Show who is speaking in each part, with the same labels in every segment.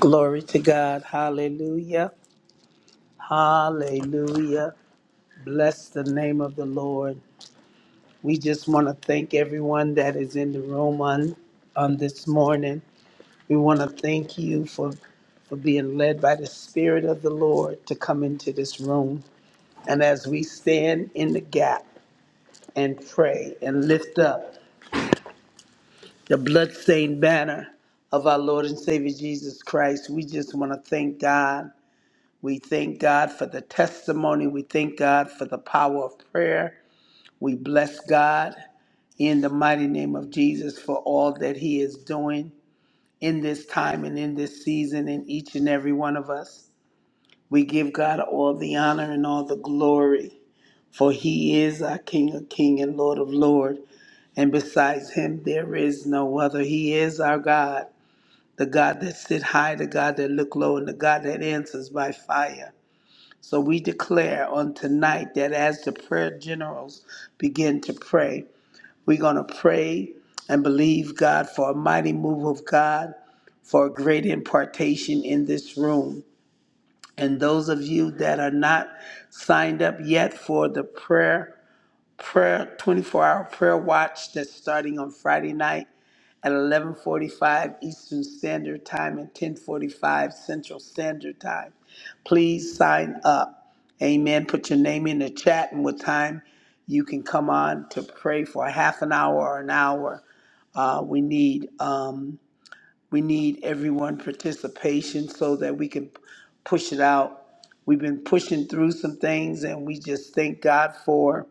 Speaker 1: Glory to God. Hallelujah. Hallelujah. Bless the name of the Lord. We just want to thank everyone that is in the room on, on this morning. We want to thank you for, for being led by the Spirit of the Lord to come into this room. And as we stand in the gap and pray and lift up the bloodstained banner of our Lord and Savior Jesus Christ, we just want to thank God We thank God for the testimony. We thank God for the power of prayer. We bless God in the mighty name of Jesus for all that He is doing in this time and in this season in each and every one of us. We give God all the honor and all the glory, for He is our King of King and Lord of Lord. And besides Him, there is no other. He is our God, the God that sit high, the God that look low, and the God that answers by fire. So we declare on tonight that as the prayer generals begin to pray, we're going to pray and believe God for a mighty move of God, for a great impartation in this room. And those of you that are not signed up yet for the prayer, prayer 24 hour prayer watch that's starting on Friday night at 11:45 Eastern Standard Time and 10:45 Central Standard Time. Please sign up. Amen. Put your name in the chat and what time you can come on to pray for a half an hour or an hour. Uh, we need um, we need everyone participation so that we can push it out. We've been pushing through some things, and we just thank God for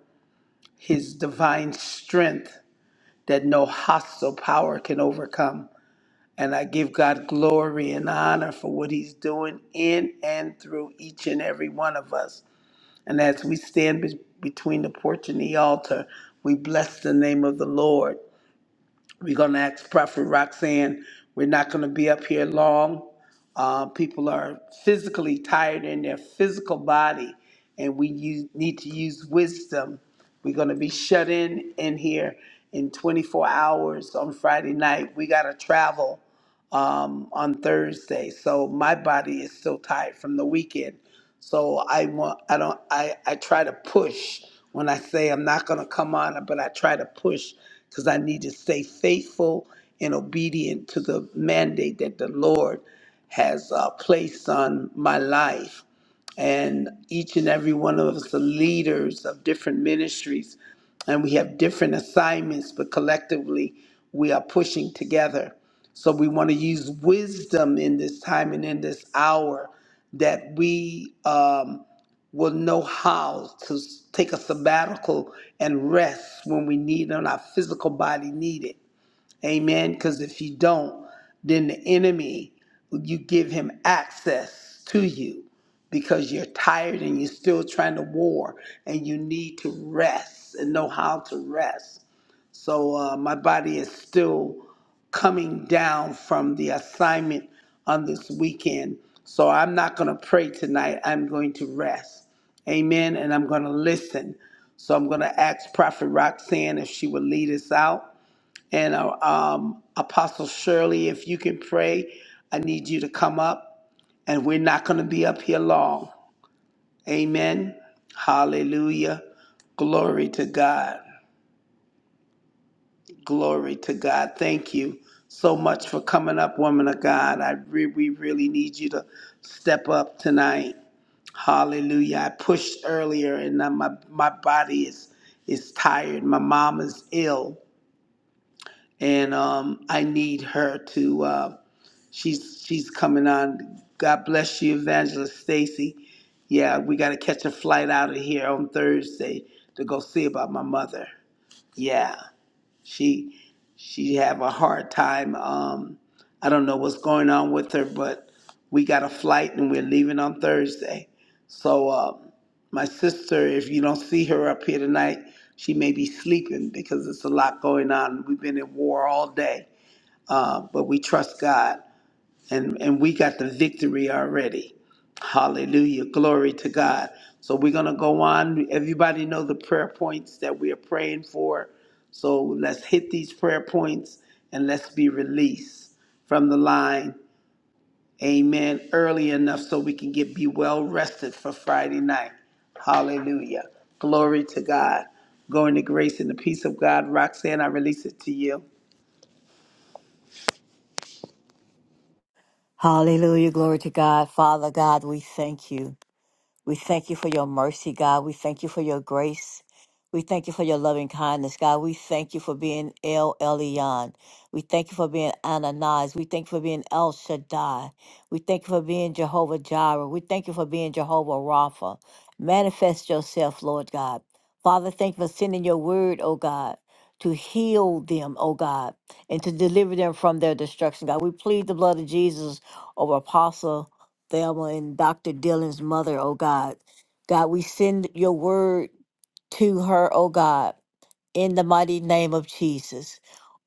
Speaker 1: his divine strength that no hostile power can overcome. And I give God glory and honor for what he's doing in and through each and every one of us. And as we stand be- between the porch and the altar, we bless the name of the Lord. We're going to ask Prophet Roxanne. We're not going to be up here long. Uh, people are physically tired in their physical body, and we use, need to use wisdom. We're going to be shut in in here in 24 hours on Friday night. We got to travel um, on Thursday, so my body is still tired from the weekend. So I want, I don't, I, I try to push when I say I'm not going to come on, but I try to push because I need to stay faithful and obedient to the mandate that the Lord has uh, placed on my life and each and every one of us the leaders of different ministries and we have different assignments, but collectively we are pushing together. So we want to use wisdom in this time and in this hour that we um, will know how to s- take a sabbatical and rest when we need it, and our physical body need it Amen. Because if you don't, then the enemy, you give him access to you because you're tired and you're still trying to war and you need to rest and know how to rest. So uh, my body is still coming down from the assignment on this weekend. So I'm not going to pray tonight. I'm going to rest. Amen. And I'm going to listen. So I'm going to ask Prophet Roxanne if she would lead us out. And uh, um, Apostle Shirley, if you can pray, I need you to come up. And we're not going to be up here long. Amen. Hallelujah. Glory to God. Glory to God. Thank you so much for coming up, woman of God. I re- we really need you to step up tonight. Hallelujah. I pushed earlier and now my, my body is is tired. My mom is ill and um, I need her to. uh, She's she's coming on. God bless you, Evangelist Stacy. Yeah, we got to catch a flight out of here on Thursday to go see about my mother. Yeah, she she have a hard time. Um, I don't know what's going on with her, but we got a flight and we're leaving on Thursday. So um, my sister, if you don't see her up here tonight, she may be sleeping because it's a lot going on. We've been in war all day, uh, but we trust God and and we got the victory already. Hallelujah. Glory to God. So we're going to go on. Everybody know the prayer points that we are praying for. So let's hit these prayer points and let's be released from the line. Amen. Early enough so we can get be well rested for Friday night. Hallelujah. Glory to God. Go into grace and the peace of God. Roxanne, I release it to you.
Speaker 2: Hallelujah. Glory to God. Father God, we thank you. We thank you for your mercy, God. We thank you for your grace. We thank you for your loving kindness, God. We thank you for being El Elyon. We thank you for being Ananias. We thank you for being El Shaddai. We thank you for being Jehovah Jireh. We thank you for being Jehovah Rapha. Manifest yourself, Lord God. Father, thank you for sending your word, oh God, to heal them, oh God, and to deliver them from their destruction, God. We plead the blood of Jesus over Apostle. Thelma and Dr. Dylan's mother, oh God. God, we send your word to her, oh God in the mighty name of Jesus.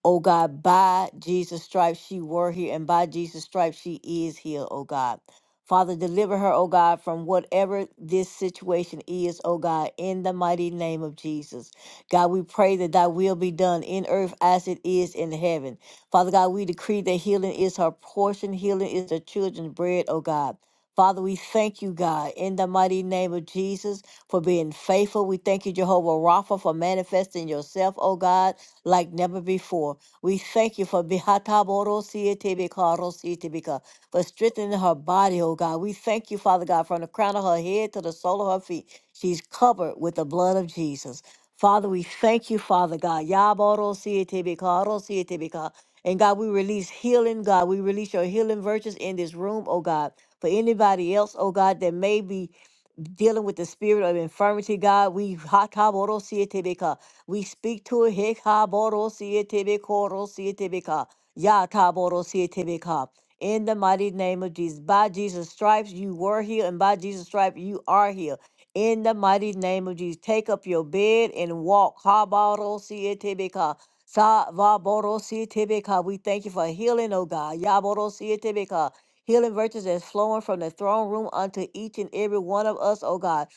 Speaker 2: Oh God, by Jesus' stripes she were here, and by Jesus' stripes she is healed, oh God. Father, deliver her, oh God, from whatever this situation is, oh God, in the mighty name of Jesus. God, we pray that thy will be done in earth as it is in heaven. Father God, we decree that healing is her portion, healing is the children's bread, oh God. Father, we thank you, God, in the mighty name of Jesus for being faithful. We thank you, Jehovah Rapha, for manifesting yourself, oh God, like never before. We thank you for Bihataboro for strengthening her body, oh God. We thank you, Father God, from the crown of her head to the sole of her feet. She's covered with the blood of Jesus. Father, we thank you, Father God. Yaboro Sietibika, and God, we release healing, God. We release your healing virtues in this room, oh God. For anybody else, oh God, that may be dealing with the spirit of infirmity, God. We ha- ka bo ro si e te be ka. we speak to it. he ka bo ro si e te be ko ro si e te be ka. Ya ka bo ro si e te be ka. In the mighty name of Jesus. By Jesus' stripes, you were healed, and by Jesus' stripes, you are healed. In the mighty name of Jesus, take up your bed and walk. Ha ba ro si e te be ka. Sa va bo ro si e te be ka. We thank you for healing, oh God. Ya bo ro si e te be ka. Healing virtues that's flowing from the throne room unto each and every one of us, oh God,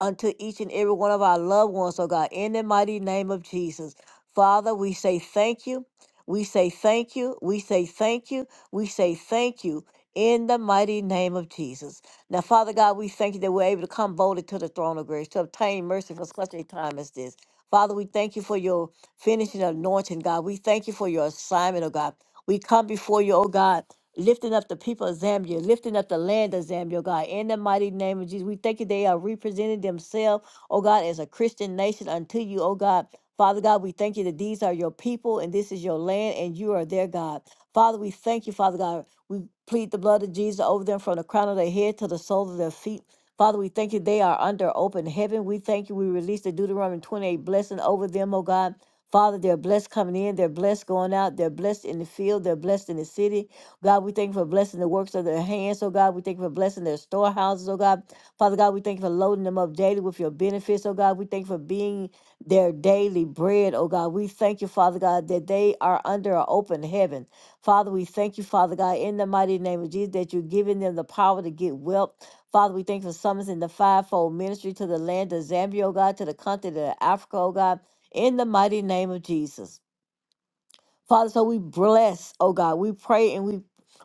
Speaker 2: unto each and every one of our loved ones, oh God, in the mighty name of Jesus. Father, we say thank you. We say thank you. We say thank you. We say thank you in the mighty name of Jesus. Now, Father God, we thank you that we're able to come boldly to the throne of grace to obtain mercy for such a time as this. Father, we thank you for your finishing anointing, God. We thank you for your assignment, oh God. We come before you, oh God lifting up the people of Zambia, lifting up the land of Zambia, oh God, in the mighty name of Jesus. We thank you they are representing themselves, oh God, as a Christian nation unto you, oh God. Father God, we thank you that these are your people and this is your land and you are their God. Father, we thank you, Father God. We plead the blood of Jesus over them from the crown of their head to the sole of their feet. Father, we thank you they are under open heaven. We thank you. We release the Deuteronomy 28 blessing over them, oh God. Father, they're blessed coming in, they're blessed going out, they're blessed in the field, they're blessed in the city. God, we thank you for blessing the works of their hands, oh God. We thank you for blessing their storehouses, oh God. Father God, we thank you for loading them up daily with your benefits, oh God. We thank you for being their daily bread, oh God. We thank you, Father God, that they are under an open heaven. Father, we thank you, Father God, in the mighty name of Jesus, that you're giving them the power to get wealth. Father, we thank you for summoning the fivefold ministry to the land of Zambia, oh God, to the continent of Africa, oh God, in the mighty name of Jesus. Father, so we bless, oh God. We pray and we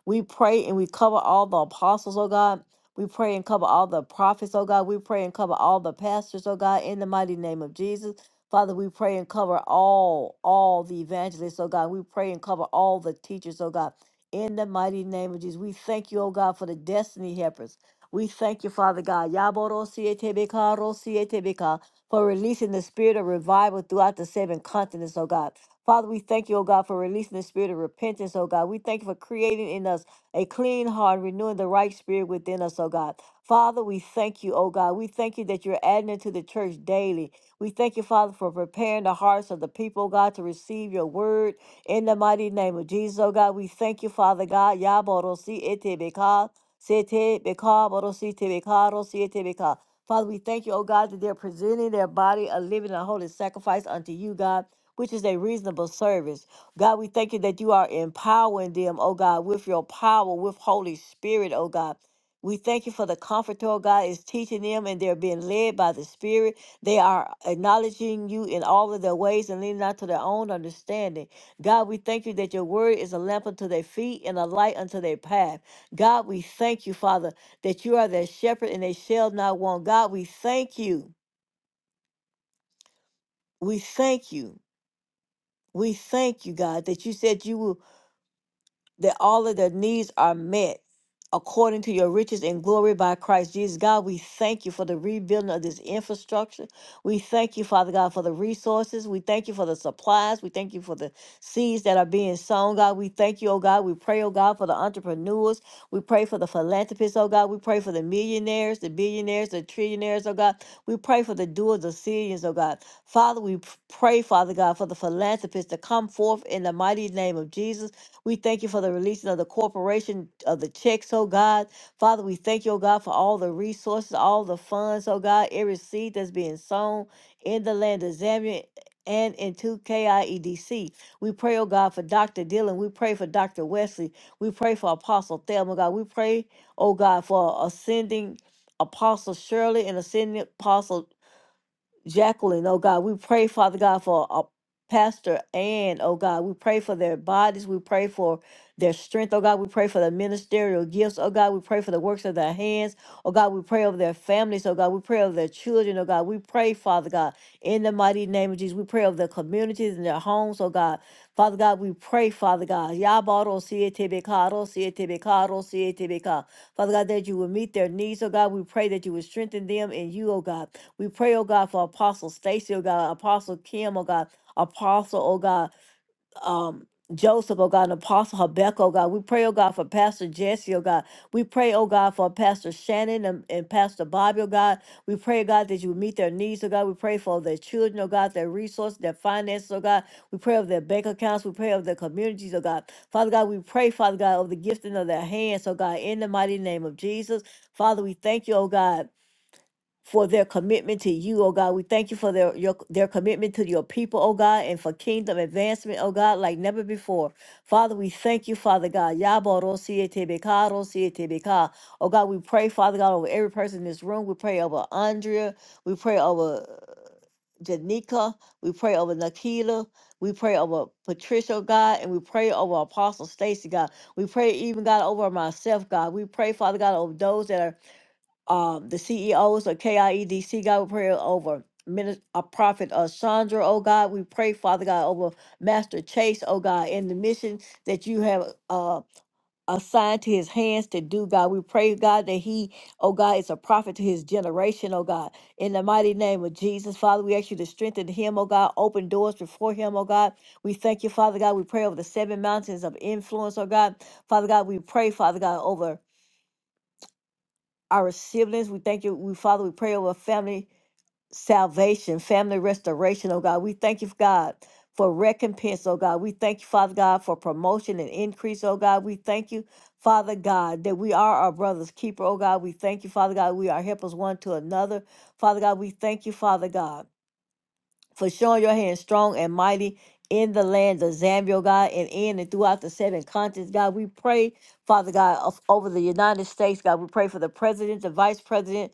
Speaker 2: we pray and we cover all the apostles, oh God. We pray and cover all the prophets, oh God. We pray and cover all the pastors, oh God, in the mighty name of Jesus. Father, we pray and cover all, all the evangelists, oh God. We pray and cover all the teachers, oh God. In the mighty name of Jesus. We thank you, oh God, for the destiny helpers. We thank you, Father God. Yaboro siete beka, ro siete beka, for releasing the spirit of revival throughout the seven continents, oh God. Father, we thank you, oh God, for releasing the spirit of repentance, oh God. We thank you for creating in us a clean heart, renewing the right spirit within us, oh God. Father, we thank you, oh God. We thank you that you're adding into the church daily. We thank you, Father, for preparing the hearts of the people, oh God, to receive your word in the mighty name of Jesus, oh God. We thank you, Father God. Yaborosi etebeka, sete beka, borosi tebeka, rosi etebeka. Father, we thank you, oh God, that they're presenting their body a living and holy sacrifice unto you, God which is a reasonable service. God, we thank you that you are empowering them, oh God, with your power, with Holy Spirit, oh God. We thank you for the comforter, oh God, is teaching them and they're being led by the Spirit. They are acknowledging you in all of their ways and leaning not to their own understanding. God, we thank you that your word is a lamp unto their feet and a light unto their path. God, we thank you, Father, that you are their shepherd and they shall not want. God, we thank you. We thank you. We thank you, God, that you said you will that all of their needs are met according to your riches and glory by Christ Jesus. God, we thank you for the rebuilding of this infrastructure. We thank you, Father God, for the resources. We thank you for the supplies. We thank you for the seeds that are being sown, God. We thank you, oh God. We pray, oh God, for the entrepreneurs. We pray for the philanthropists, oh God. We pray for the millionaires, the billionaires, the trillionaires, oh God. We pray for the doers of millions, oh God. Father, we p- pray, Father God, for the philanthropists to come forth in the mighty name of Jesus. We thank you for the releasing of the corporation of the checks, oh God. Father, we thank you, oh God, for all the resources, all the funds, oh God, every seed that's being sown in the land of Zambia and into KIEDC. We pray, oh God, for Dr. Dillon. We pray for Dr. Wesley. We pray for Apostle Thelma, oh God. We pray, oh God, for ascending Apostle Shirley and ascending Apostle. Jacqueline, oh God, we pray, Father God, for a Pastor and oh God, we pray for their bodies, we pray for their strength, oh God, we pray for the ministerial gifts, oh God, we pray for the works of their hands, oh God, we pray over their families, oh God, we pray over their children, oh God, we pray, Father God, in the mighty name of Jesus, we pray over their communities and their homes, oh God, Father God, we pray, Father God, Yabaro Sietebekaro Sietebekaro Sietebeka, Father God, that you will meet their needs, oh God, we pray that you will strengthen them in you, oh God. We pray, oh God, for Apostle Stacy, oh God, Apostle Kim, oh God, Apostle, oh God, um, Joseph, oh God, and Apostle Habakkuk, oh God. We pray, oh God, for Pastor Jesse, oh God. We pray, oh God, for Pastor Shannon and, and Pastor Bobby, oh God. We pray, God, that you would meet their needs, oh God. We pray for their children, oh God, their resources, their finances, oh God. We pray of their bank accounts. We pray of their communities, oh God. Father God, we pray, Father God, of the gifting of their hands, oh God, in the mighty name of Jesus. Father, we thank you, oh God for their commitment to you, oh God. We thank you for their your, their commitment to your people, oh God, and for kingdom advancement, oh God, like never before. Father, we thank you, Father God. Yabarosietebeka, rosietebeka. Oh God, we pray, Father God, over every person in this room. We pray over Andrea. We pray over uh, Janika. We pray over Nakila. We pray over Patricia, oh God, and we pray over Apostle Stacy, God. We pray even, God, over myself, God. We pray, Father God, over those that are uh, the CEOs of KIEDC, God, we pray over minister, uh, Prophet uh, Chandra, oh God. We pray, Father God, over Master Chase, oh God, in the mission that you have uh, assigned to his hands to do, God. We pray, God, that he, oh God, is a prophet to his generation, oh God. In the mighty name of Jesus, Father, we ask you to strengthen him, oh God. Open doors before him, oh God. We thank you, Father God. We pray over the seven mountains of influence, oh God. Father God, we pray, Father God, over our siblings. We thank you, we Father, we pray over family salvation, family restoration, oh God. We thank you, God, for recompense, oh God. We thank you, Father God, for promotion and increase, oh God. We thank you, Father God, that we are our brother's keeper, oh God. We thank you, Father God, we are helpers one to another. Father God, we thank you, Father God, for showing your hand strong and mighty in the land of Zambia, oh God, and in and throughout the seven continents, God. We pray Father God, of, over the United States, God, we pray for the president, the vice president,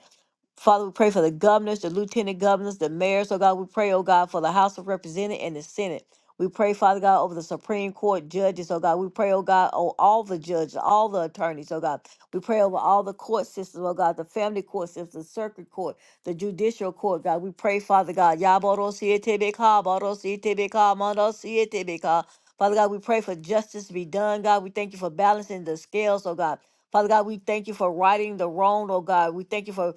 Speaker 2: Father, we pray for the governors, the lieutenant governors, the mayors. Oh God, we pray, oh God, for the House of Representatives and the Senate. We pray, Father God, over the Supreme Court judges. Oh God, we pray, oh God, on all the judges, all the attorneys. Oh God, we pray over all the court systems. Oh God, the family court system, the circuit court, the judicial court. God, we pray, Father God. Yabarosietebeka, barosietebeka, mandosietebeka. Father God, we pray for justice to be done. God, we thank you for balancing the scales. Oh God. Father God, we thank you for righting the wrong, oh God. We thank you for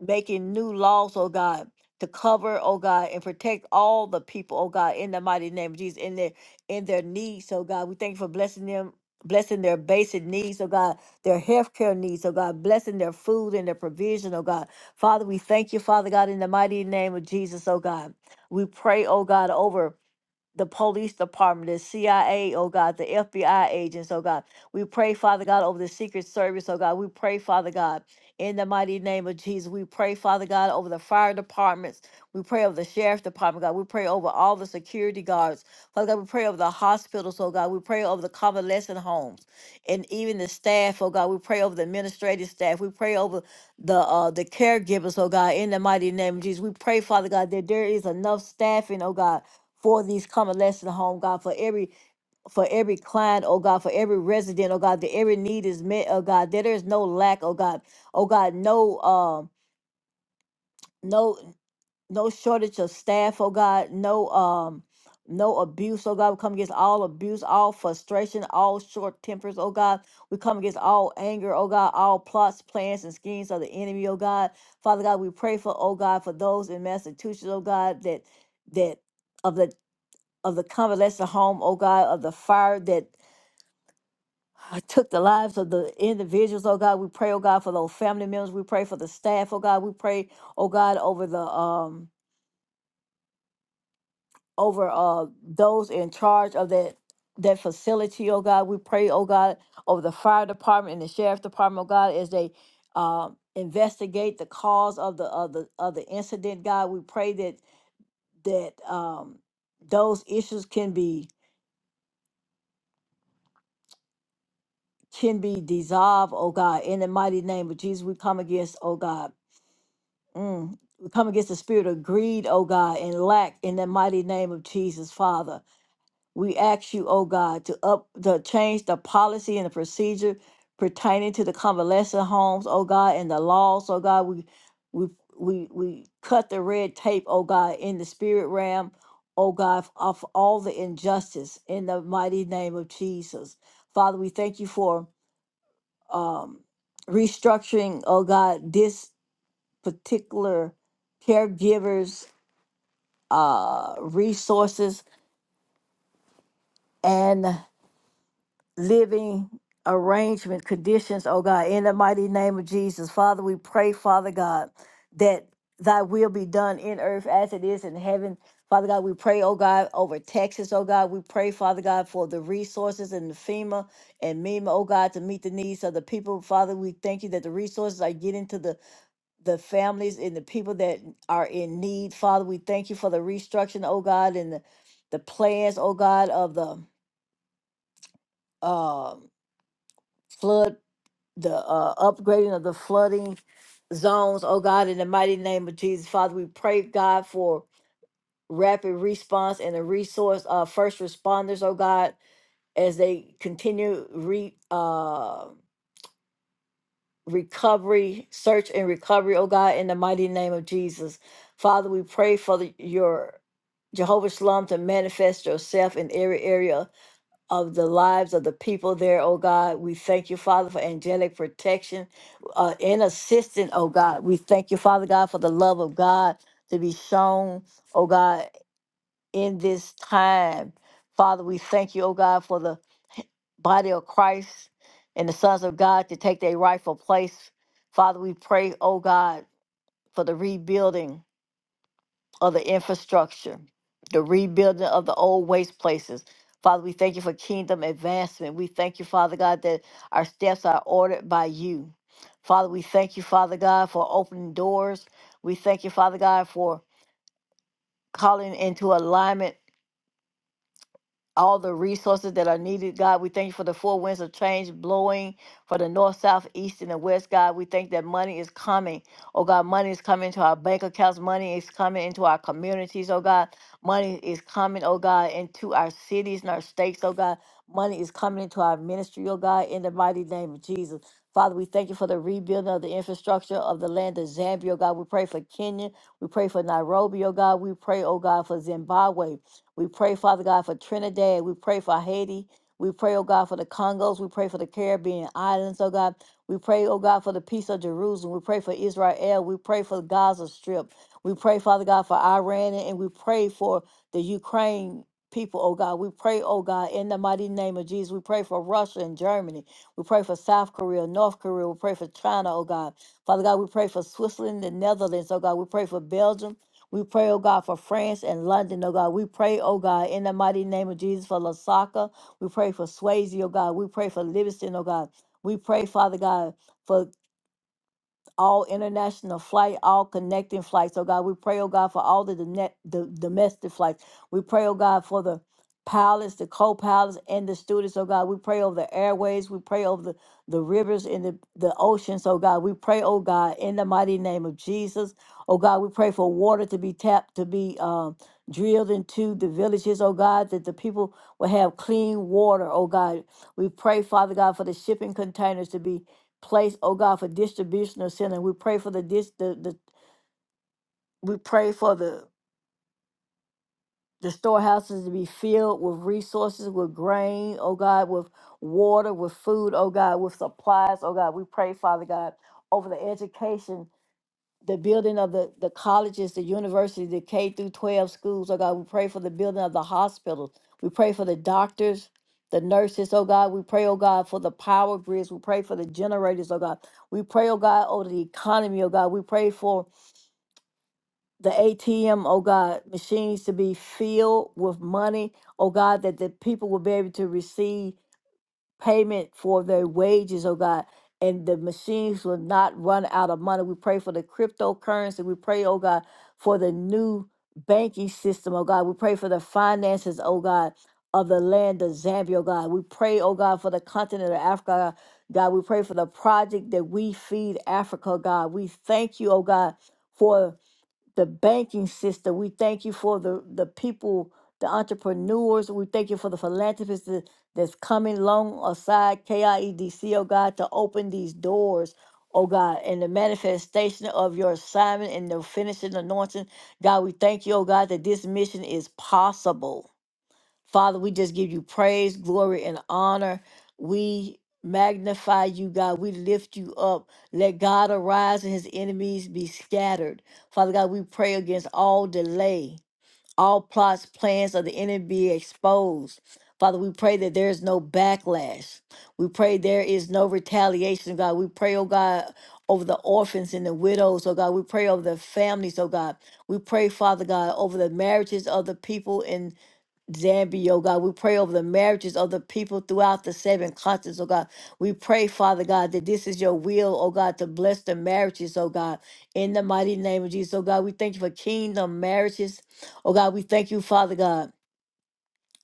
Speaker 2: making new laws, oh God, to cover, oh God, and protect all the people, oh God, in the mighty name of Jesus, in their in their needs, oh God. We thank you for blessing them, blessing their basic needs, oh God, their healthcare needs, oh God, blessing their food and their provision, oh God. Father, we thank you, Father God, in the mighty name of Jesus, oh God. We pray, oh God, over the police department, the CIA, oh God, the FBI agents, oh God. We pray, Father God, over the Secret Service, oh God. We pray, Father God, in the mighty name of Jesus. We pray, Father God, over the fire departments. We pray over the sheriff department, God. We pray over all the security guards. Father God, we pray over the hospitals, oh God. We pray over the convalescent homes and even the staff, oh God. We pray over the administrative staff. We pray over the uh the caregivers, oh God, in the mighty name of Jesus. We pray, Father God, that there is enough staffing, oh God for these convalescent home, God, for every for every client, oh God, for every resident, oh God, that every need is met, oh God, that there is no lack, oh God, oh God, no um no no shortage of staff, oh God, no um no abuse, oh God. We come against all abuse, all frustration, all short tempers, oh God. We come against all anger, oh God, all plots, plans, and schemes of the enemy, oh God. Father God, we pray for, oh God, for those in Massachusetts, oh God, that that of the of the convalescent home, oh God, of the fire that took the lives of the individuals, oh God. We pray, oh God, for those family members. We pray for the staff, oh God. We pray, oh God, over the um over uh those in charge of that that facility, oh God. We pray, oh God, over the fire department and the sheriff department, oh God, as they um investigate the cause of the of the of the incident, God. We pray that that um those issues can be can be dissolved, oh God. In the mighty name of Jesus, we come against, oh God. Mm. We come against the spirit of greed, oh God, and lack in the mighty name of Jesus, Father. We ask you, oh God, to up to change the policy and the procedure pertaining to the convalescent homes, oh God, and the laws, oh God. We we we we cut the red tape, oh God, in the spirit realm, oh God, of all the injustice in the mighty name of Jesus. Father, we thank you for um, restructuring, oh God, this particular caregiver's uh, resources and living arrangement conditions, oh God, in the mighty name of Jesus. Father, we pray, Father God, that thy will be done in earth as it is in heaven. Father God, we pray, oh God, over Texas, oh God. We pray, Father God, for the resources and the FEMA and MEMA, oh God, to meet the needs of the people. Father, we thank you that the resources are getting to the the families and the people that are in need. Father, we thank you for the restructuring, oh God, and the, the plans, oh God, of the uh, flood, the uh, upgrading of the flooding zones, oh God, in the mighty name of Jesus. Father, we pray, God, for rapid response and the resource of first responders, oh God, as they continue re. Uh, recovery, search and recovery, oh God, in the mighty name of Jesus. Father, we pray for the, your Jehovah Shalom to manifest yourself in every area of the lives of the people there, oh God. We thank you, Father, for angelic protection uh, and assistance, oh God. We thank you, Father God, for the love of God to be shown, oh God, in this time. Father, we thank you, oh God, for the body of Christ and the sons of God to take their rightful place. Father, we pray, oh God, for the rebuilding of the infrastructure, the rebuilding of the old waste places. Father, we thank you for kingdom advancement. We thank you, Father God, that our steps are ordered by you. Father, we thank you, Father God, for opening doors. We thank you, Father God, for calling into alignment all the resources that are needed, God. We thank you for the four winds of change blowing for the north, south, east, and the west, God. We thank that money is coming. Oh, God, money is coming into our bank accounts. Money is coming into our communities, oh, God. Money is coming, oh, God, into our cities and our states, oh, God. Money is coming into our ministry, oh, God, in the mighty name of Jesus. Father, we thank you for the rebuilding of the infrastructure of the land of Zambia, oh, God. We pray for Kenya. We pray for Nairobi, oh, God. We pray, oh, God, for Zimbabwe. We pray, Father God, for Trinidad. We pray for Haiti. We pray, oh God, for the Congos. We pray for the Caribbean islands, oh God. We pray, oh God, for the peace of Jerusalem. We pray for Israel. We pray for the Gaza Strip. We pray, Father God, for Iran. And we pray for the Ukraine people, oh God. We pray, oh God, in the mighty name of Jesus. We pray for Russia and Germany. We pray for South Korea, North Korea. We pray for China, oh God. Father God, we pray for Switzerland and Netherlands, oh God. We pray for Belgium. We pray, oh God, for France and London, oh God. We pray, oh God, in the mighty name of Jesus for Lasaka. We pray for Swayze, oh God. We pray for Livingston, oh God. We pray, Father God, for all international flight, all connecting flights. Oh God, we pray, oh God, for all the, done- the domestic flights. We pray, oh God, for the pilots, the co-pilots, and the students. Oh God, we pray over the airways. We pray over the, the rivers and the, the oceans. Oh God, we pray, oh God, in the mighty name of Jesus. Oh God, we pray for water to be tapped, to be um, drilled into the villages. Oh God, that the people will have clean water. Oh God, we pray, Father God, for the shipping containers to be place, oh God, for distribution of sin. And we pray for the dis the, the we pray for the the storehouses to be filled with resources, with grain, oh God, with water, with food, oh God, with supplies, oh God. We pray, Father God, over the education the building of the, the colleges, the universities, the K through 12 schools. Oh God, we pray for the building of the hospitals. We pray for the doctors, the nurses. Oh God, we pray, oh God, for the power grids. We pray for the generators, oh God. We pray, oh God, over the economy, oh God. We pray for the ATM, oh God, machines to be filled with money, oh God, that the people will be able to receive payment for their wages, oh God. And the machines will not run out of money. We pray for the cryptocurrency. We pray, oh God, for the new banking system, oh God. We pray for the finances, oh God, of the land of Zambia, oh God. We pray, oh God, for the continent of Africa, God. We pray for the project that we feed Africa, God. We thank you, oh God, for the banking system. We thank you for the, the people, the entrepreneurs. We thank you for the philanthropists that- that's coming alongside KIEDC, oh God, to open these doors, oh God, and the manifestation of your assignment and the finishing anointing. God, we thank you, oh God, that this mission is possible. Father, we just give you praise, glory, and honor. We magnify you, God. We lift you up. Let God arise and his enemies be scattered. Father God, we pray against all delay, all plots, plans of the enemy be exposed. Father, we pray that there is no backlash. We pray there is no retaliation, God. We pray, oh God, over the orphans and the widows, oh God. We pray over the families, oh God. We pray, Father God, over the marriages of the people Zambia, oh God. We pray over the marriages of the people throughout the seven continents, oh God. We pray, Father God, that this is your will, oh God, to bless the marriages, oh God. In the mighty name of Jesus, oh God, we thank you for kingdom marriages. Oh God, we thank you, Father God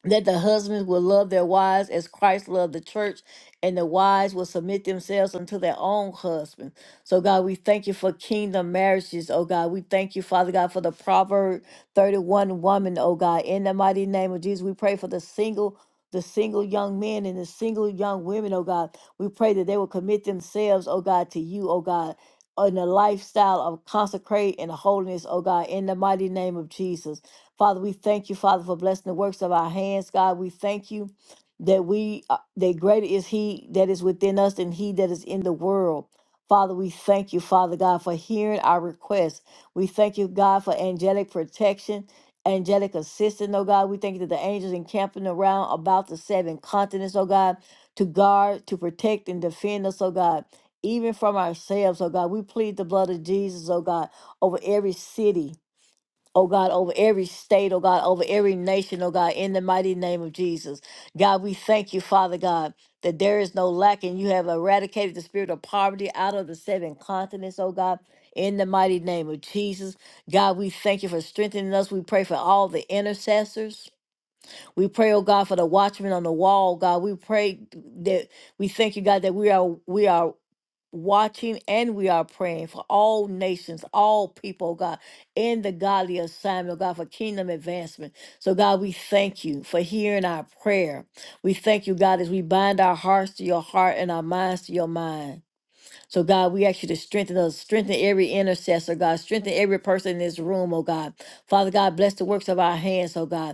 Speaker 2: that the husbands will love their wives as Christ loved the church, and the wives will submit themselves unto their own husband. So, God, we thank you for kingdom marriages, oh God. We thank you, Father God, for the Proverb 31 woman, oh God. In the mighty name of Jesus, we pray for the single. The single young men and the single young women, oh God, we pray that they will commit themselves, oh God, to you, oh God, in a lifestyle of consecrate and holiness, oh God, in the mighty name of Jesus. Father, we thank you, Father, for blessing the works of our hands. God, we thank you that we uh, that greater is He that is within us than He that is in the world. Father, we thank you, Father God, for hearing our requests. We thank you, God, for angelic protection, angelic assistance, oh God. We thank you that the angels encamping around about the seven continents, oh God, to guard, to protect, and defend us, oh God, even from ourselves, oh God. We plead the blood of Jesus, oh God, over every city Oh God, over every state, oh God, over every nation, oh God, in the mighty name of Jesus. God, we thank you, Father God, that there is no lack and you have eradicated the spirit of poverty out of the seven continents, oh God, in the mighty name of Jesus. God, we thank you for strengthening us. We pray for all the intercessors. We pray, oh God, for the watchmen on the wall, God. We pray that we thank you, God, that we are we are watching and we are praying for all nations, all people, oh God, in the godly assignment, oh God, for kingdom advancement. So, God, we thank you for hearing our prayer. We thank you, God, as we bind our hearts to your heart and our minds to your mind. So, God, we ask you to strengthen us, strengthen every intercessor, God, strengthen every person in this room, oh God. Father God, bless the works of our hands, oh God.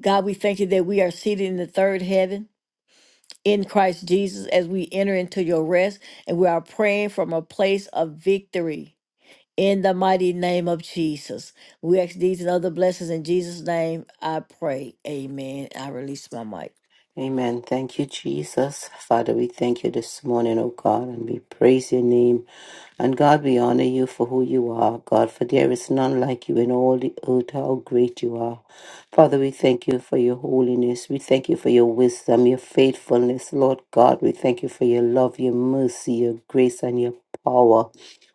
Speaker 2: God, we thank you that we are seated in the third heaven in Christ Jesus as we enter into your rest, and we are praying from a place of victory in the mighty name of Jesus. We ask these and other blessings in Jesus' name. I pray. Amen. I release my mic.
Speaker 3: Amen. Thank you, Jesus. Father, we thank you this morning, oh God, and we praise your name. And God, we honor you for who you are, God, for there is none like you in all the earth, how great you are. Father, we thank you for your holiness. We thank you for your wisdom, your faithfulness, Lord God. We thank you for your love, your mercy, your grace, and your power.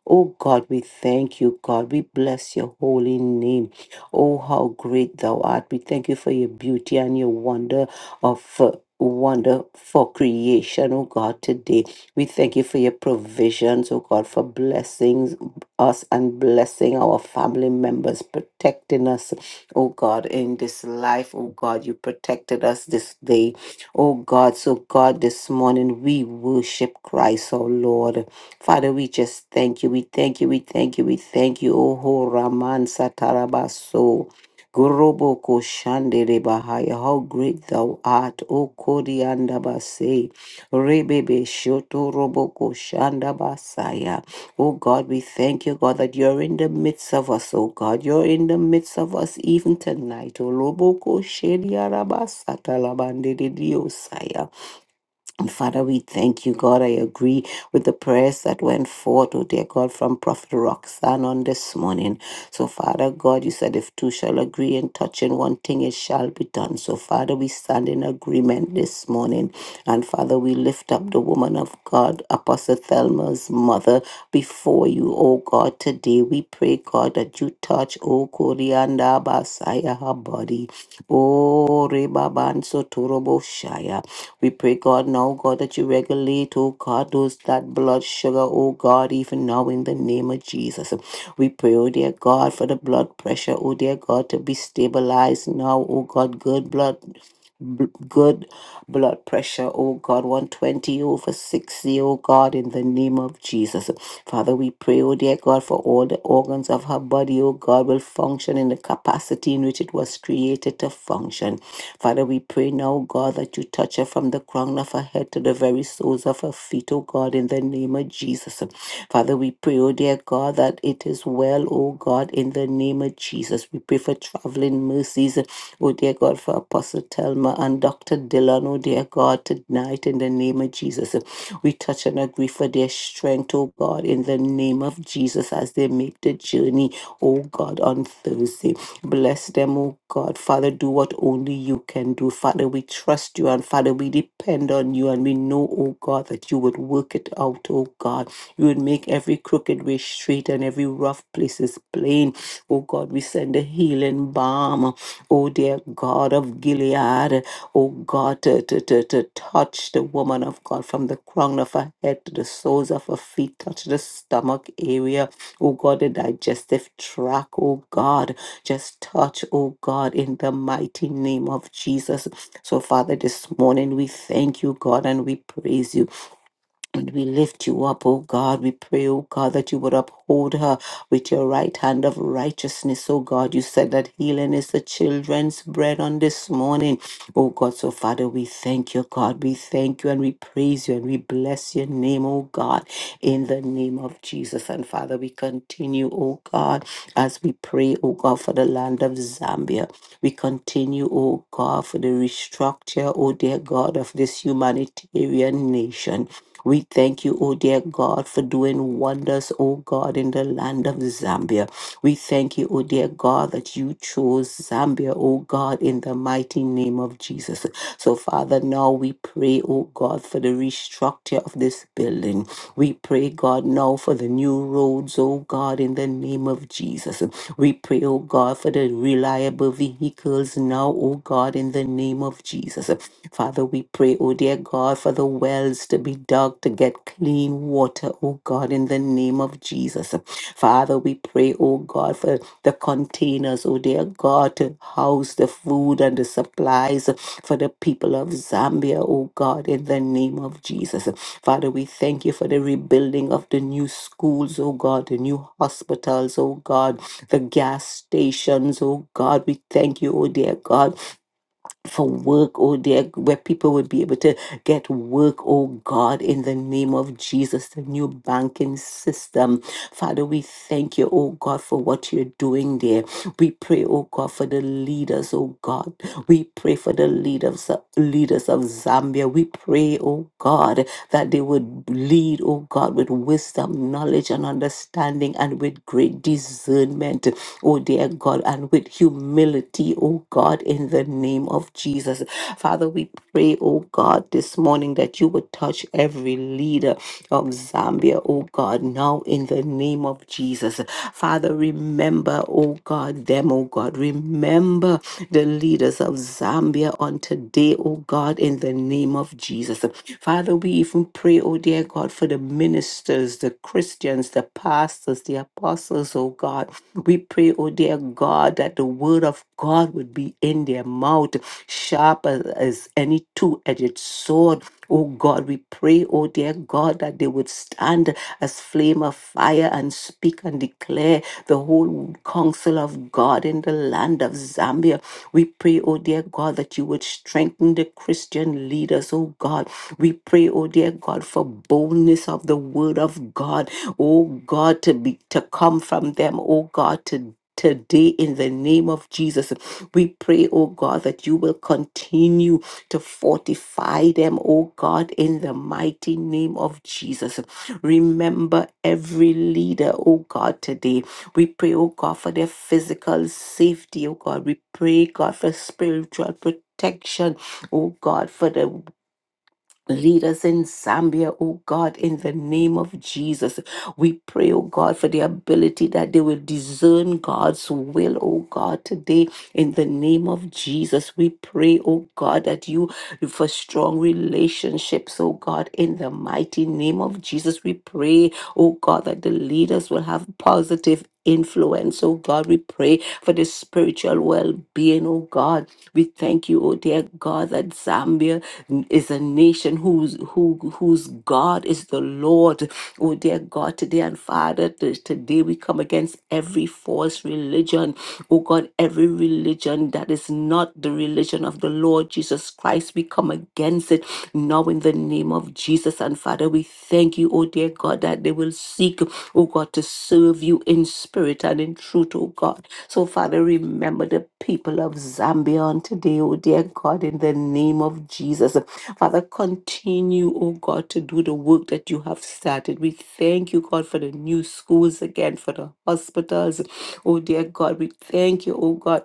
Speaker 3: Oh God, we thank you, God. We bless your holy name. Oh, how great thou art. We thank you for your beauty and your wonder of. uh, Wonder for creation, oh God, today. We thank you for your provisions, oh God, for blessings us and blessing our family members, protecting us, oh God, in this life. Oh God, you protected us this day. Oh God, so God, this morning we worship Christ, our Lord. Father, we just thank you. We thank you. We thank you. We thank you. Oh ho Raman Satarabaso. Gorobo Koshandere Bahaya. How great thou art, O Koriandabase. Rebebe shoto roboko shanda basaya. Oh God, we thank you, God, that you're in the midst of us, oh God. You're in the midst of us even tonight. Oh, roboko shedia rabasata labande de diosaya. And Father, we thank you, God. I agree with the prayers that went forth, oh dear God, from Prophet Roxanne on this morning. So, Father God, you said if two shall agree and touch in touching one thing, it shall be done. So, Father, we stand in agreement this morning. And Father, we lift up the woman of God, Apostle Thelma's mother, before you, oh God, today. We pray, God, that you touch, oh Korianda Basaya, her body. Oh Rebaban Sotorobo we pray, God, now, God, that you regulate, oh God, those that blood sugar, oh God, even now in the name of Jesus. We pray, oh dear God, for the blood pressure, oh dear God, to be stabilized now, oh God, good blood. bl- Good blood pressure, oh God, 120 over 60, oh God, in the name of Jesus. Father, we pray, oh dear God, for all the organs of her body, oh God, will function in the capacity in which it was created to function. Father, we pray now, oh God, that you touch her from the crown of her head to the very soles of her feet, oh God, in the name of Jesus. Father, we pray, oh dear God, that it is well, oh God, in the name of Jesus. We pray for traveling mercies Oh, dear God, for Apostle Thelma and Dr. Dillon, oh, dear God, tonight in the name of Jesus. We touch and agree for their strength, oh God, in the name of Jesus as they make the journey, oh God, on Thursday. Bless them, oh God. Father, do what only you can do. Father, we trust you and Father, we depend on you and we know, oh God, that you would work it out, oh God. You would make every crooked way straight and every rough place is plain. Oh God, we send a healing balm oh dear God of Gilead, oh God, to, to, to, to touch the woman of God from the crown of her head to the soles of her feet, touch the stomach area, oh God, the digestive tract, oh God, just touch, oh God, in the mighty name of Jesus. So, Father, this morning we thank you, God, and we praise you. And we lift you up, O God. We pray, O God, that you would uphold her with your right hand of righteousness, O God. You said that healing is the children's bread on this morning, O God. So, Father, we thank you, God. We thank you and we praise you and we bless your name, O God, in the name of Jesus. And, Father, we continue, O God, as we pray, O God, for the land of Zambia. We continue, O God, for the restructure, O dear God, of this humanitarian nation. We thank you, oh dear God, for doing wonders, oh God, in the land of Zambia. We thank you, oh dear God, that you chose Zambia, oh God, in the mighty name of Jesus. So, Father, now we pray, oh God, for the restructure of this building. We pray, God, now for the new roads, oh God, in the name of Jesus. We pray, oh God, for the reliable vehicles now, oh God, in the name of Jesus. Father, we pray, oh dear God, for the wells to be dug to get clean water, oh God, in the name of Jesus. Father, we pray, oh God, for the containers, oh dear God, to house the food and the supplies for the people of Zambia, oh God, in the name of Jesus. Father, we thank you for the rebuilding of the new schools, oh God, the new hospitals, oh God, the gas stations, oh God. We thank you, oh dear God for work, oh dear, where people would be able to get work, oh God, in the name of Jesus, the new banking system. Father, we thank you, oh God, for what you're doing there. We pray, oh God, for the leaders, oh God. We pray for the leaders, leaders of Zambia. We pray, oh God, that they would lead, oh God, with wisdom, knowledge, and understanding, and with great discernment, oh dear God, and with humility, oh God, in the name of Jesus. Father, we pray, oh God, this morning that you would touch every leader of Zambia, oh God, now in the name of Jesus. Father, remember, oh God, them, oh God, remember the leaders of Zambia on today, oh God, in the name of Jesus. Father, we even pray, oh dear God, for the ministers, the Christians, the pastors, the apostles, oh God. We pray, oh dear God, that the word of God would be in their mouth, sharp as, as any two edged sword. Oh God, we pray, oh dear God, that they would stand as flame of fire and speak and declare the whole counsel of God in the land of Zambia. We pray, oh dear God, that you would strengthen the Christian leaders, oh God. We pray, oh dear God, for boldness of the word of God, oh God, to be to come from them, oh God, to Today, in the name of Jesus, we pray, oh God, that you will continue to fortify them, oh God, in the mighty name of Jesus. Remember every leader, oh God, today. We pray, oh God, for their physical safety, oh God. We pray, God, for spiritual protection, oh God, for the Lead us in Zambia, oh God, in the name of Jesus. We pray, oh God, for the ability that they will discern God's will, oh God, today in the name of Jesus. We pray, oh God, that you for strong relationships, oh God, in the mighty name of Jesus. We pray, oh God, that the leaders will have positive influence, oh God. We pray for the spiritual well being, oh God. We thank you, oh dear God, that Zambia n- is a nation whose who whose God is the Lord. Oh dear God, today and Father, t- today we come against every false religion. Oh God, every religion that is not the religion of the Lord Jesus Christ, we come against it now in the name of Jesus. And Father, we thank you, oh dear God, that they will seek, oh God, to serve you in spirit and in truth, oh God. So, Father, remember the people of Zambia on today, oh dear God, in the name of Jesus. Father, continue, oh God, to do the work that you have started. We thank you, God, for the new schools again, for the hospitals. Oh dear God, we thank you, oh God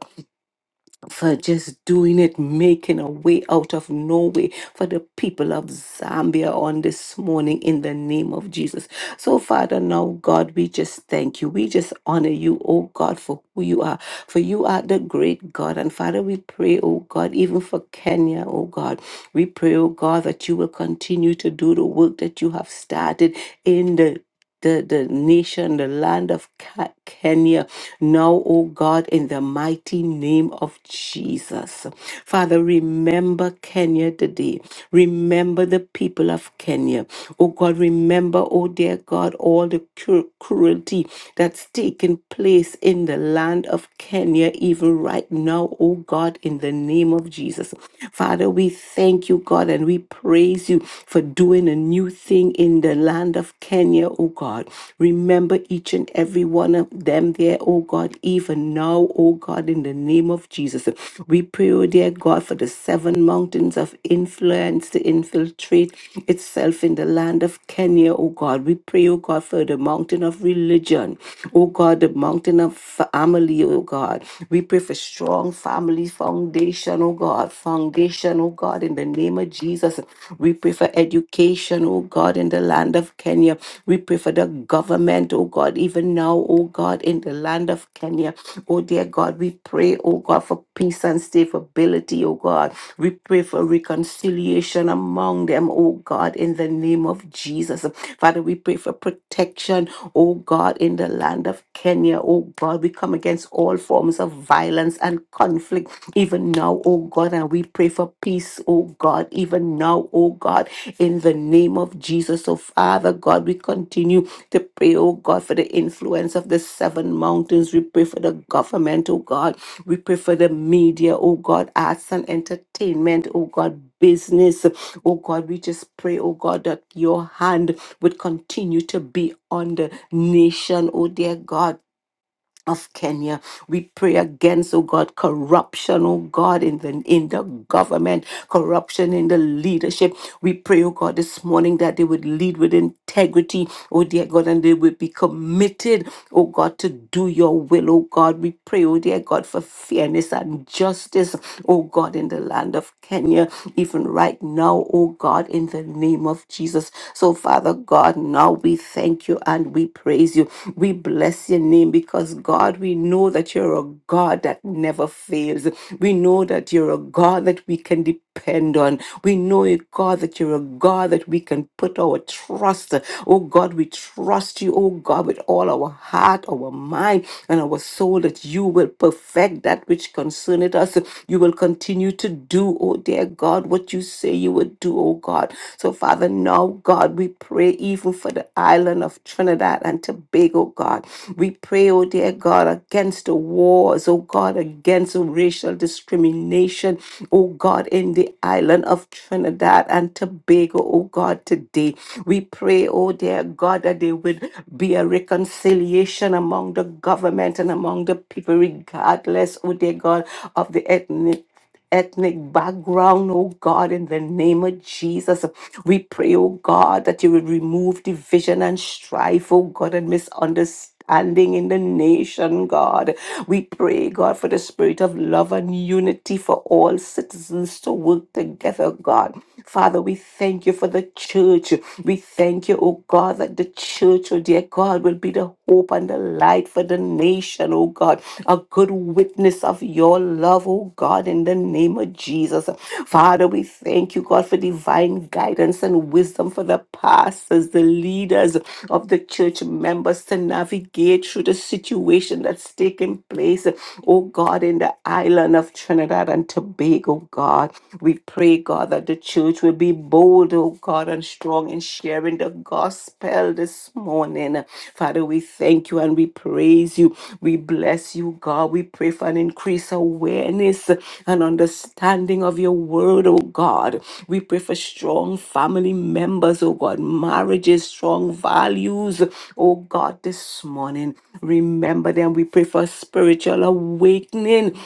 Speaker 3: for just doing it, making a way out of no way for the people of Zambia on this morning in the name of Jesus. So, Father, now, God, we just thank you. We just honor you, oh God, for who you are, for you are the great God. And Father, we pray, oh God, even for Kenya, oh God, we pray, oh God, that you will continue to do the work that you have started in the the, the nation, the land of Ke- Kenya, now, O God, in the mighty name of Jesus. Father, remember Kenya today. Remember the people of Kenya. Oh God, remember, oh dear God, all the cru- cruelty that's taken place in the land of Kenya, even right now, oh God, in the name of Jesus. Father, we thank you, God, and we praise you for doing a new thing everything in the land of Kenya, oh God. Remember each and every one of them there, oh God, even now, oh God, in the name of Jesus. We pray, oh dear God, for the seven mountains of influence to infiltrate itself in the land of Kenya, oh God. We pray, oh God, for the mountain of religion, oh God, the mountain of family, oh God. We pray for strong family foundations foundation, oh God, foundation, oh God, in the name of Jesus. We pray for education, oh God, in the land of Kenya. We pray for the government, oh God, even now, oh God, in the land of Kenya. Oh dear God, we pray, oh God, for peace and stability, oh God. We pray for reconciliation among them, oh God, in the name of Jesus. Father, we pray for protection, oh God. God, in the land of Kenya. Oh God, we come against all forms of violence and conflict even now, oh God, and we pray for peace, oh God, even now, oh God, in the name of Jesus. So, Father God, we continue to pray, oh God, for the influence of the seven mountains. We pray for the government, oh God. We pray for the media, oh God, arts and entertainment, oh God, business. Oh God, we just pray, oh God, that your hand would continue to be on the nation, oh dear God. Of Kenya, we pray against, oh God, corruption, oh God, in the in the government, corruption in the leadership. We pray, oh God, this morning that they would lead with integrity, oh dear God, and they would be committed, oh God, to do your will, oh God. We pray, oh dear God, for fairness and justice is, oh God, in the land of Kenya, even right now, oh God, in the name of Jesus. So, Father God, now we thank you and we praise you. We bless your name because, God, we know that you're a God that never fails. We know that you're a God that we can depend on. We know, a God, that you're a God that we can put our trust. Oh God, we trust you, oh God, with all our heart, our mind, and our soul that you will perfect that which concerneth us. You will continue to do, oh dear God, what you say you would do, oh God. So, Father, now, God, we pray even for the island of Trinidad and Tobago, God. We pray, oh dear God, against the wars, oh God, against racial discrimination, oh God, in the island of Trinidad and Tobago, oh God, today. We pray, oh dear God, that they would be a reconciliation among the government and among the people, regardless, oh dear God, of the ethnic ethnic background, oh God, in the name of Jesus. We pray, oh God, that you would remove division and strife, oh God, and misunderstanding standing in the nation, God. We pray, God, for the spirit of love and unity for all citizens to work together, God. Father, we thank you for the church. We thank you, oh God, that the church, oh dear God, will be the hope and the light for the nation, oh God. A good witness of your love, oh God, in the name of Jesus. Father, we thank you, God, for divine guidance and wisdom for the pastors, the leaders of the church members to navigate through the situation that's taking place, oh God, in the island of Trinidad and Tobago, God. We pray, God, that the church will be bold, oh God, and strong in sharing the gospel well this morning. Father, we thank you and we praise you. We bless you, God. We pray for an increased awareness and understanding of your word, oh God. We pray for strong family members, oh God, marriages, strong values, oh God, this morning. Remember them. We pray for spiritual awakening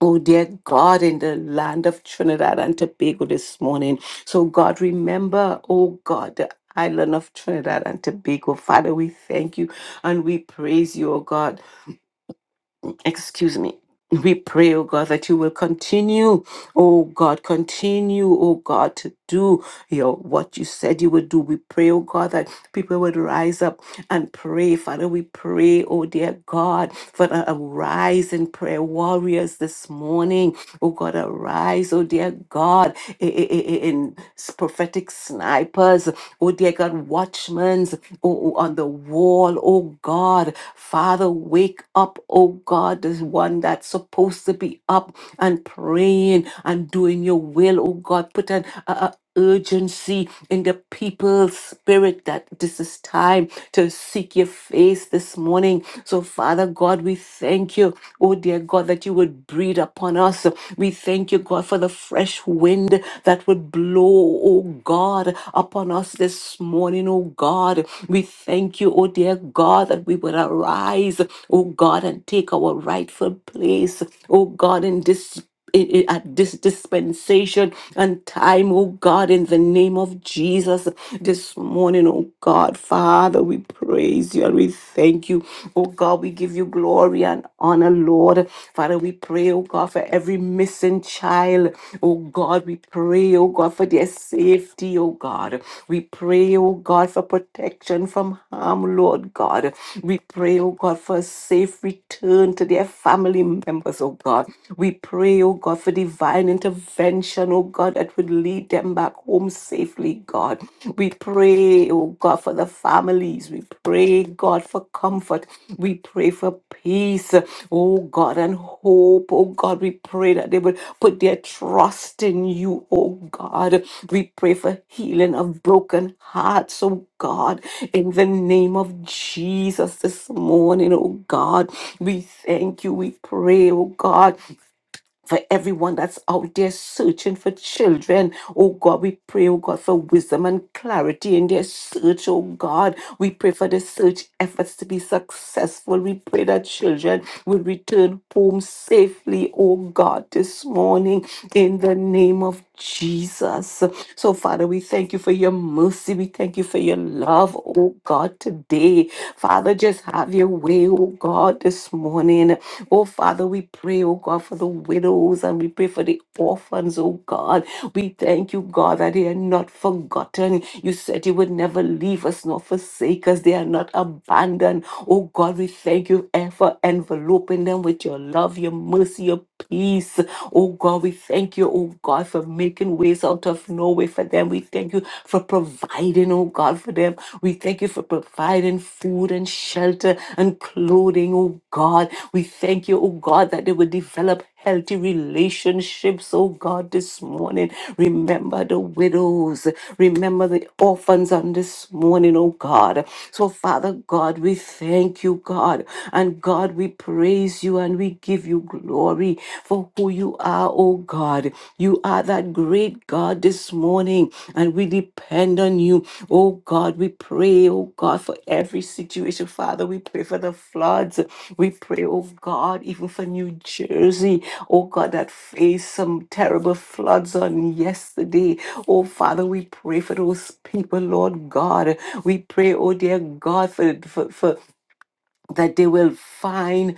Speaker 3: Oh, dear God, in the land of Trinidad and Tobago this morning. So, God, remember, oh God, the island of Trinidad and Tobago. Father, we thank you and we praise you, oh God excuse me. We pray, oh God, that you will continue, oh God, continue, oh God, to do your what you said you would do. We pray, oh God, that people would rise up and pray. Father, we pray, oh dear God, for the arise in prayer warriors this morning. Oh God, arise, oh dear God, i- i- i- in prophetic snipers, oh dear God, watchmen oh, on the wall, oh God. Father, wake up, oh God, this one that's supposed to be up and praying and doing your will, oh God. Put an a, a urgency in the people's spirit that this is time to seek your face this morning. So, Father God, we thank you Oh, dear God, that you would breathe upon us. We thank you, God, for the fresh wind that would blow, oh God, upon us this morning, oh God. We thank you, oh dear God, that we would arise, oh God, and take our rightful place, oh God, in this in, in- at this dispensation and time, oh God, in the name of Jesus. This morning, oh God, Father, we praise you and we thank you. Oh God, we give you glory and honor, Lord. Father, we pray, oh God, for every missing child. Oh God, we pray, oh God, for their safety, oh God. We pray, oh God, for protection from harm, Lord God. We pray, oh God, for a safe return to their family members, oh God. We pray, oh God, for divine intervention, oh God, that would lead them back home safely, God. We pray, oh God, for the families. We pray, God, for comfort. We pray for peace, oh God, and hope, oh God. We pray that they would put their trust in you, oh God. We pray for healing of broken hearts, oh God, in the name of Jesus this morning, oh God. We thank you. We pray, oh God for everyone that's out there searching for children. Oh God, we pray, oh God, for wisdom and clarity in their search, oh God. We pray for the search efforts to be successful. We pray that children will return home safely, oh God, this morning in the name of Jesus. So, Father, we thank you for your mercy. We thank you for your love, oh God, today. Father, just have your way, oh God, this morning. Oh Father, we pray, oh God, for the widows and we pray for the orphans, oh God. We thank you, God, that they are not forgotten. You said you would never leave us nor forsake us. They are not abandoned. Oh God, we thank you eh, for enveloping them with your love, your mercy, your peace. Oh God, we thank you, oh God, for making ways out of no way for them. We thank thank you for providing, oh God, for them. We thank you for providing food and shelter and clothing, oh God. We thank you, oh God, that they will develop healthy relationships, oh God, this morning. Remember the widows. Remember the orphans on this morning, oh God. So, Father God, we thank you, God. And God, we praise you and we give you glory for who you are, oh God. You are that great God this morning, and we depend on you. Oh God, we pray, oh God, for every situation, Father. We pray for the floods. We pray, oh God, even for New Jersey, oh God, that faced some terrible floods on yesterday. Oh Father, we pray for those people, Lord God. We pray, oh dear God, for, for, for that they will find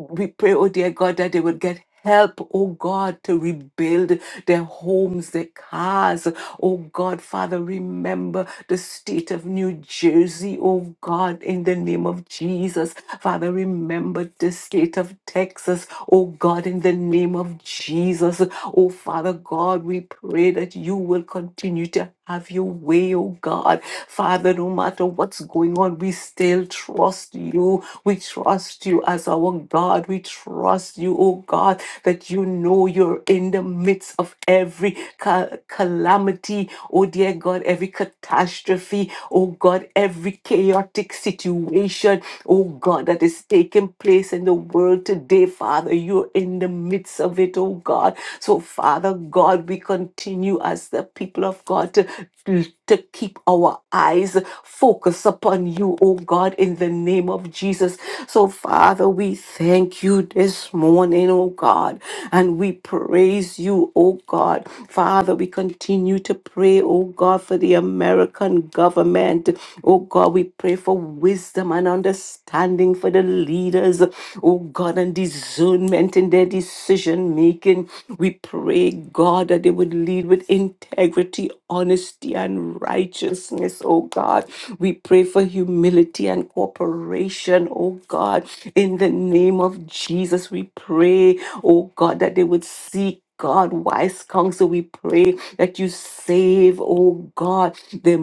Speaker 3: we pray, oh dear God, that they would get help, oh God, to rebuild their homes, their cars. Oh God, Father, remember the state of New Jersey, oh God, in the name of Jesus. Father, remember the state of Texas, oh God, in the name of Jesus. Oh Father God, we pray that you will continue to have your way, oh God. Father, no matter what's going on, we still trust trust you. We trust you as our God. We trust you, oh God, that you know you're in the midst of every ca- calamity, oh dear God, every catastrophe, oh God, every chaotic situation, oh God, that is taking place in the world today, Father. You're in the midst of it, oh God. So, Father God, we continue as the people of God to to keep our eyes focused upon you, oh God, in the name of Jesus. So, Father, we thank you this morning, oh God, and we praise you, oh God. Father, we continue to pray, oh God, for the American government. Oh God, we pray for wisdom and understanding for the leaders, oh God, and discernment in their decision making. We pray, God, that they would lead lead with integrity, honesty, and righteousness, oh God. We pray for humility and cooperation, oh God. In the name of Jesus, we pray, oh God, that they would seek. God, wise counsel, we pray that you save, oh God, the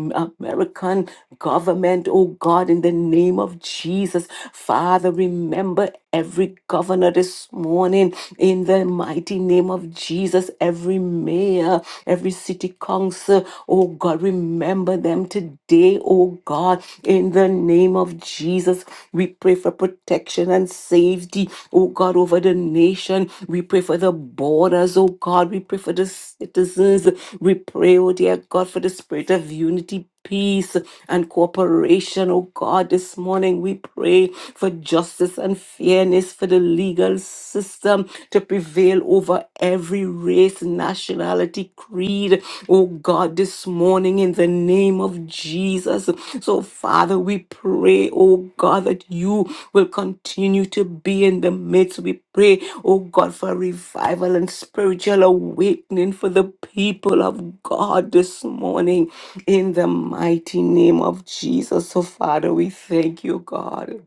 Speaker 3: American government, oh God, in the name of Jesus. Father, remember every governor this morning in the mighty mighty name of Jesus, every mayor, every city council, oh God, remember them today, oh God, in the name of Jesus. We pray for protection and safety, oh God, over the nation. We pray for the borders, oh God. We pray for the citizens. We pray, oh dear God, for the spirit of unity peace and cooperation, oh God. This morning we pray for justice and fairness for the legal system to prevail over every race, nationality, creed, oh God, this morning in the name of Jesus. So, Father, Father, we pray, oh God, that you will continue to be in the midst. We pray, oh God, for revival and spiritual awakening for the people of God this morning in the mighty name of Jesus. So, Father, we thank you, God.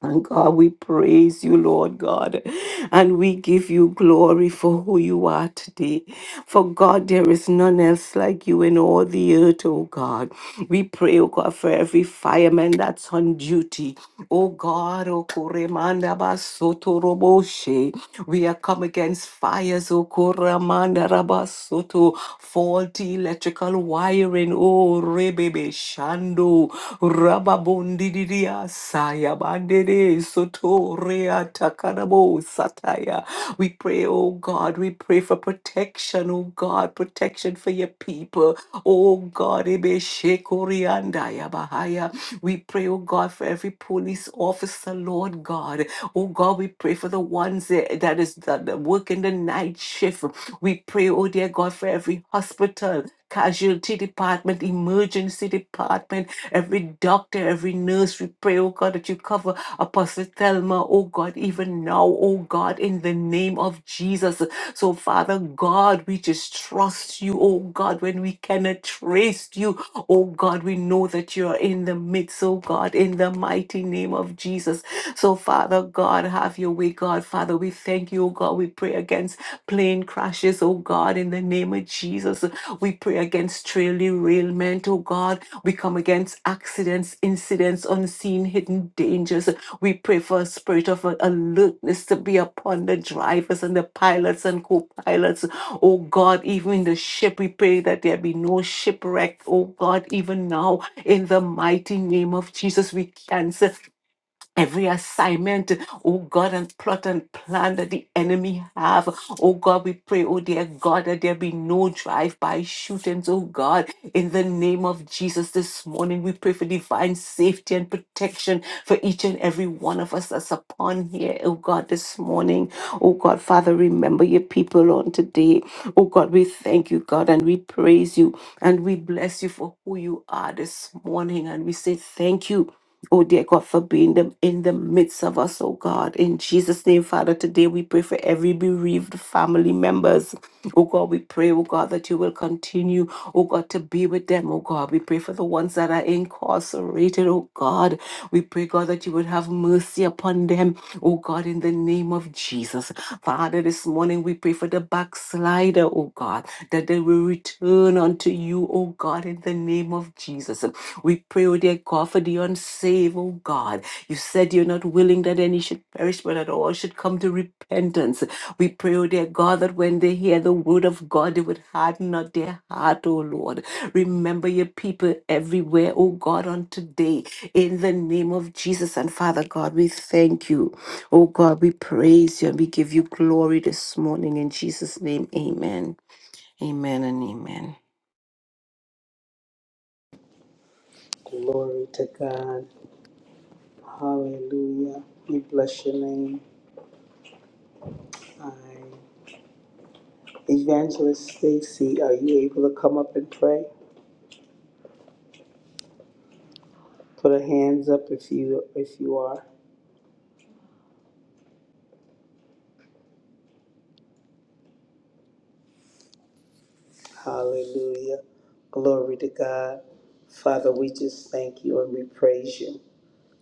Speaker 3: And God, we praise you, Lord God, and we give you glory for who you are today. For God, there is none else like you in all the earth, oh God. We pray, oh God, for every fireman that's on duty. Oh God, oh Koremanda Basoto Roboshe. We are come against fires, oh Koremanda Rabasoto, faulty electrical wiring, oh Rebebe Shando. Rababondiria saya bandere sotorea takarabo sataya. We pray, oh God, we pray for protection, oh God, protection for your people. Oh God, ebe shekoriandaya bahaya. We pray, oh God, for every police officer, Lord God. Oh God, we pray for the ones that that is that that work in the night shift. We pray, oh dear God, for every hospital. Casualty department, emergency department, every doctor, every nurse. We pray, oh God, that you cover Apostle Thelma, oh God, even now, oh God, in the name of Jesus. So, Father God, we just trust you, oh God, when we cannot trace you, oh God, we know that you are in the midst, oh God, in the mighty name of Jesus. So, Father God, have your way, God. Father, we thank you, oh God. We pray against plane crashes, oh God, in the name of Jesus. We pray against trail derailment, oh God. We come against accidents, incidents, unseen, hidden dangers. We pray for a spirit of alertness to be upon the drivers and the pilots and co pilots. Oh God, even in the ship, we pray that there be no shipwreck. Oh God, even now, in the mighty name of Jesus, we cancel Every assignment, oh God, and plot and plan that the enemy have, oh God, we pray, oh dear God, that there be no drive-by shootings, oh God, in the name of Jesus this morning. We pray for divine safety and protection for each and every one of us that's upon here, oh God, this morning. Oh God, Father, remember your people on today. Oh God, we thank you, God, and we praise you and we bless you for who you are this morning. And we say thank you. Oh, dear God, for being them in the midst of us, oh God. In Jesus' name, Father, today we pray for every bereaved family members. Oh God, we pray, oh God, that you will continue, oh God, to be with them, oh God. We pray for the ones that are incarcerated, oh God. We pray, God, that you would have mercy upon them, oh God, in the name of Jesus. Father, this morning we pray for the backslider, oh God, that they will return unto you, oh God, in the name of Jesus. We pray, O dear God, for the unsaved, O God. You said you're not willing that any should perish, but that all should come to repentance. We pray, O dear God, that when they hear the word of God, they would harden not their heart, O Lord. Remember your people everywhere, O God, on today. In the name of Jesus and Father God, we thank you. O God, we praise you and we give you glory this morning. In Jesus' name, amen. Amen and amen.
Speaker 1: Glory to God. Hallelujah. We bless your name. I, Evangelist Stacy, are you able to come up and pray? Put a hands up if you if you are. Hallelujah. Glory to God. Father, we just thank you and we praise you.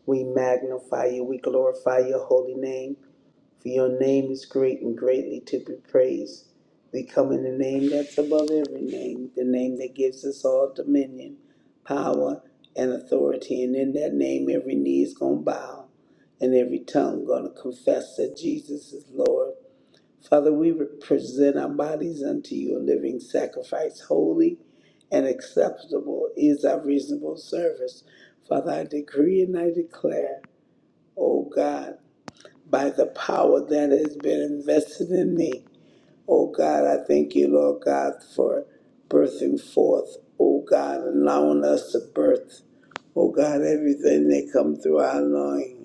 Speaker 1: We magnify you. We glorify your holy name. For your name is great and greatly to be praised. We come in the name that's above every name, the name that gives us all dominion, power, and authority. And in that name, every knee is going to bow and every tongue going to confess that Jesus is Lord. Father, we present our bodies unto you a living sacrifice, holy and acceptable is our reasonable service. Father, I decree and I declare, O God, by the power that has been invested in me. Oh God, I thank you, Lord God, for birthing forth, oh God, allowing us to birth, oh God, everything that come through our loin.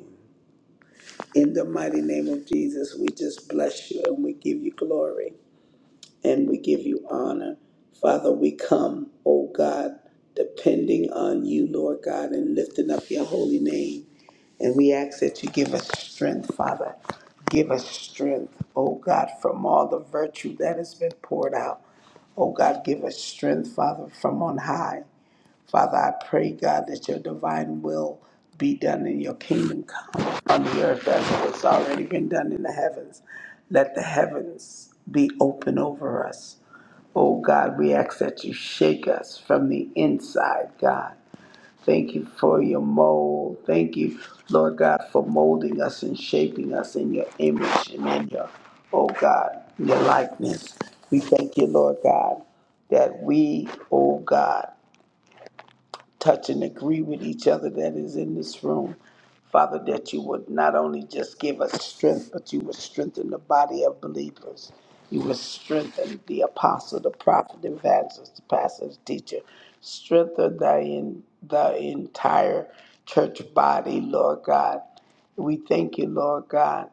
Speaker 1: In the mighty name of Jesus, we just bless you and we give you glory and we give you honor. Father, we come, O God, depending on you, Lord God, and lifting up your holy name. And we ask that you give us strength, Father. Give us strength, O God, from all the virtue that has been poured out. O God, give us strength, Father, from on high. Father, I pray, God, that your divine will be done in your kingdom come on the earth as it has already been done in the heavens. Let the heavens be open over us. Oh God, we ask that you shake us from the inside, God. Thank you for your mold. Thank you, Lord God, for molding us and shaping us in your image and in your, oh God, your likeness. We thank you, Lord God, that we, oh God, touch and agree with each other that is in this room. Father, that you would not only just give us strength, but you would strengthen the body of believers. You would strengthen the apostle, the prophet, the evangelist, the pastor, the teacher. Strengthen the, in, the entire church body, Lord God. We thank you, Lord God.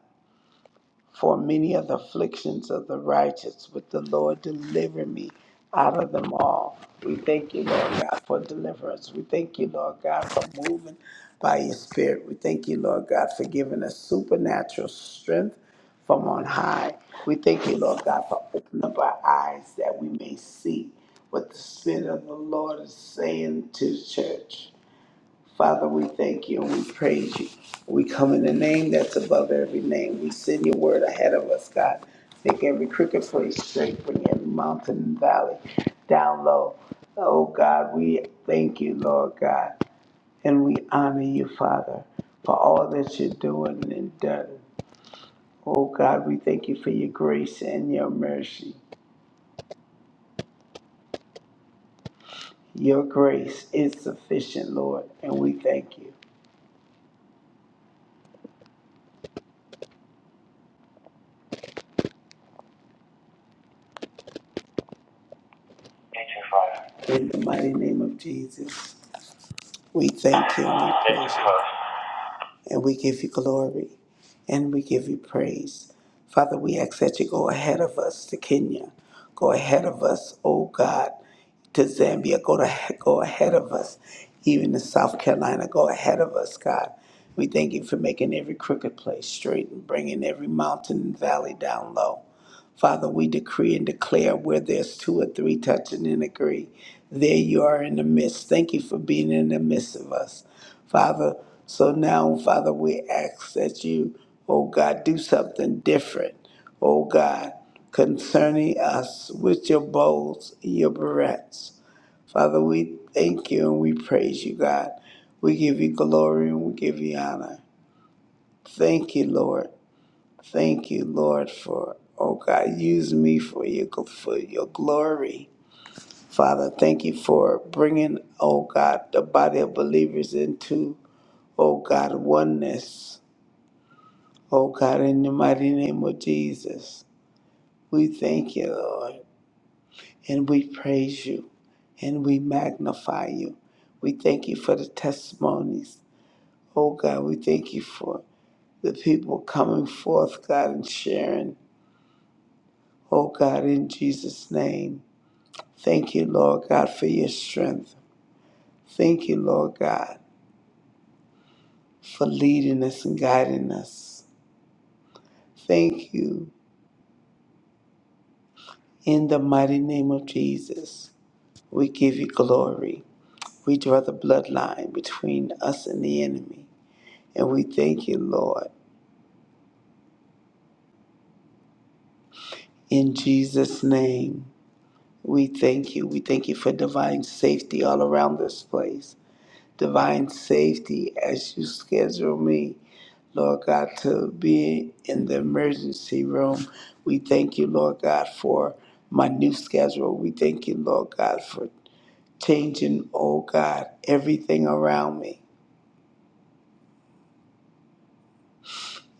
Speaker 1: For many of the afflictions of the righteous, but the Lord deliver me out of them all. We thank you, Lord God, for deliverance. We thank you, Lord God, for moving by your spirit. We thank you, Lord God, for giving us supernatural strength from on high. We thank you, Lord God, for opening up our eyes that we may see what the Spirit of the Lord is saying to the church. Father, we thank you and we praise you. We come in the name that's above every name. We send your word ahead of us, God. Make every crooked place straight, bring every mountain and valley down low. Oh, God, we thank you, Lord God, and we honor you, Father, for all that you're doing and done. Oh, God, we thank you for your grace and your mercy. Your grace is sufficient, Lord, and we thank you. Thank you, Father. In the mighty name of Jesus. We thank you and we praise you, and we give you glory, and we give you praise. Father, we ask that you go ahead of us to Kenya. Go ahead of us, oh God, to Zambia. Go, to, go ahead of us, even to South Carolina. Go ahead of us, God. We thank you for making every crooked place straight and bringing every mountain and valley down low. Father, we decree and declare where there's two or three touching and agree. There you are in the midst. Thank you for being in the midst of us, Father. So now, Father, we ask that you, oh God, do something different, oh God, concerning us with your bowls, your barrettes. Father, we thank you and we praise you, God. We give you glory and we give you honor. Thank you, Lord. Thank you, Lord, for oh God, use me for your for your glory, Father. Thank you for bringing oh God the body of believers into oh God oneness. Oh God, in the mighty name of Jesus, we thank you, Lord, and we praise you, and we magnify you. We thank you for the testimonies. Oh God, we thank you for the people coming forth, God, and sharing. Oh God, in Jesus' name. Thank you, Lord God, for your strength. Thank you, Lord God, for leading us and guiding us. Thank you in the mighty name of Jesus. We give you glory. We draw the bloodline between us and the enemy. And we thank you, Lord, in Jesus' name. We thank you. We thank you for divine safety all around this place. Divine safety as you schedule me Lord God, to be in the emergency room. We thank you, Lord God, for my new schedule. We thank you, Lord God, for changing, oh God, everything around me.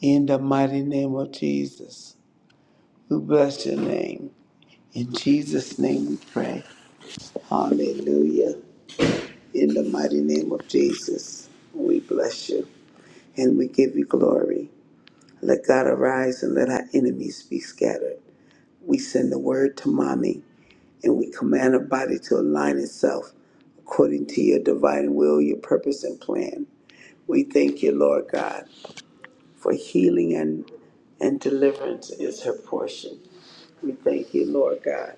Speaker 1: In the mighty name of Jesus, we bless your name. In Jesus' name we pray. Hallelujah. In the mighty name of Jesus, we bless you and we give you glory. Let God arise and let our enemies be scattered. We send the word to mommy and we command our body to align itself according to your divine will, your purpose, and plan. We thank you, Lord God, for healing and, and deliverance is her portion. We thank you, Lord God,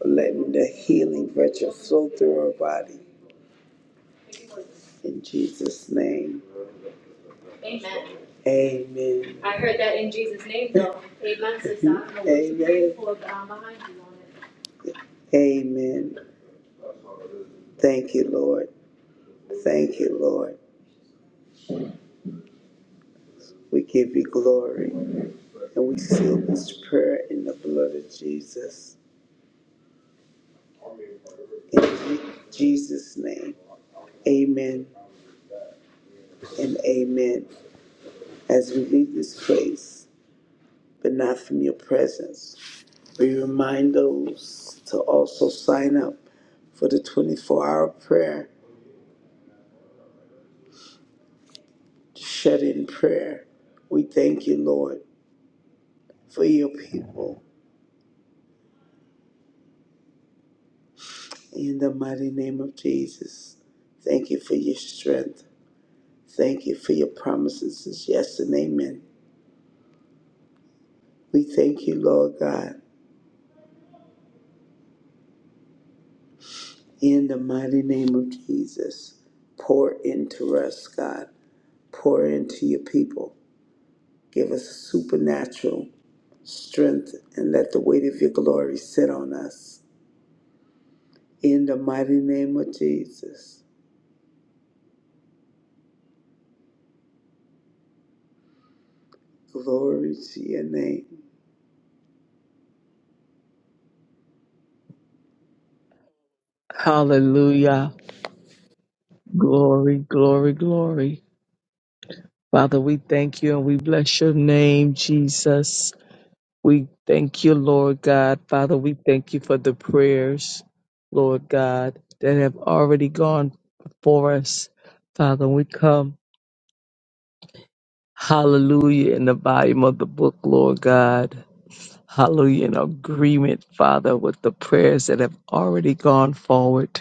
Speaker 1: for letting the healing virtue flow through her body. In Jesus' name. Amen. Amen. I heard that in Jesus' name, though. Amen, sister. I don't know what to pray Amen. for, but I'm behind you on it. Amen. Thank you, Lord. Thank you, Lord. We give you glory. And we seal this prayer in the blood of Jesus. In Je- Jesus' name, amen and amen. As we leave this place, but not from your presence, we remind those to also sign up for the 24 hour prayer, shut in prayer. We thank you, Lord, for your people. In the mighty name of Jesus, thank you for your strength. Thank you for your promises is yes and amen. We thank you, Lord God, in the mighty name of Jesus. Pour into us, God. Pour into your people. Give us supernatural strength and let the weight of your glory sit on us. In the mighty name of Jesus. Glory to your name.
Speaker 4: Hallelujah. Glory, glory, glory. Father, we thank you and we bless your name, Jesus. We thank you, Lord God. Father, we thank you for the prayers, Lord God, that have already gone before us. Father, we come, hallelujah, in the volume of the book, Lord God. Hallelujah, in agreement, Father, with the prayers that have already gone forward.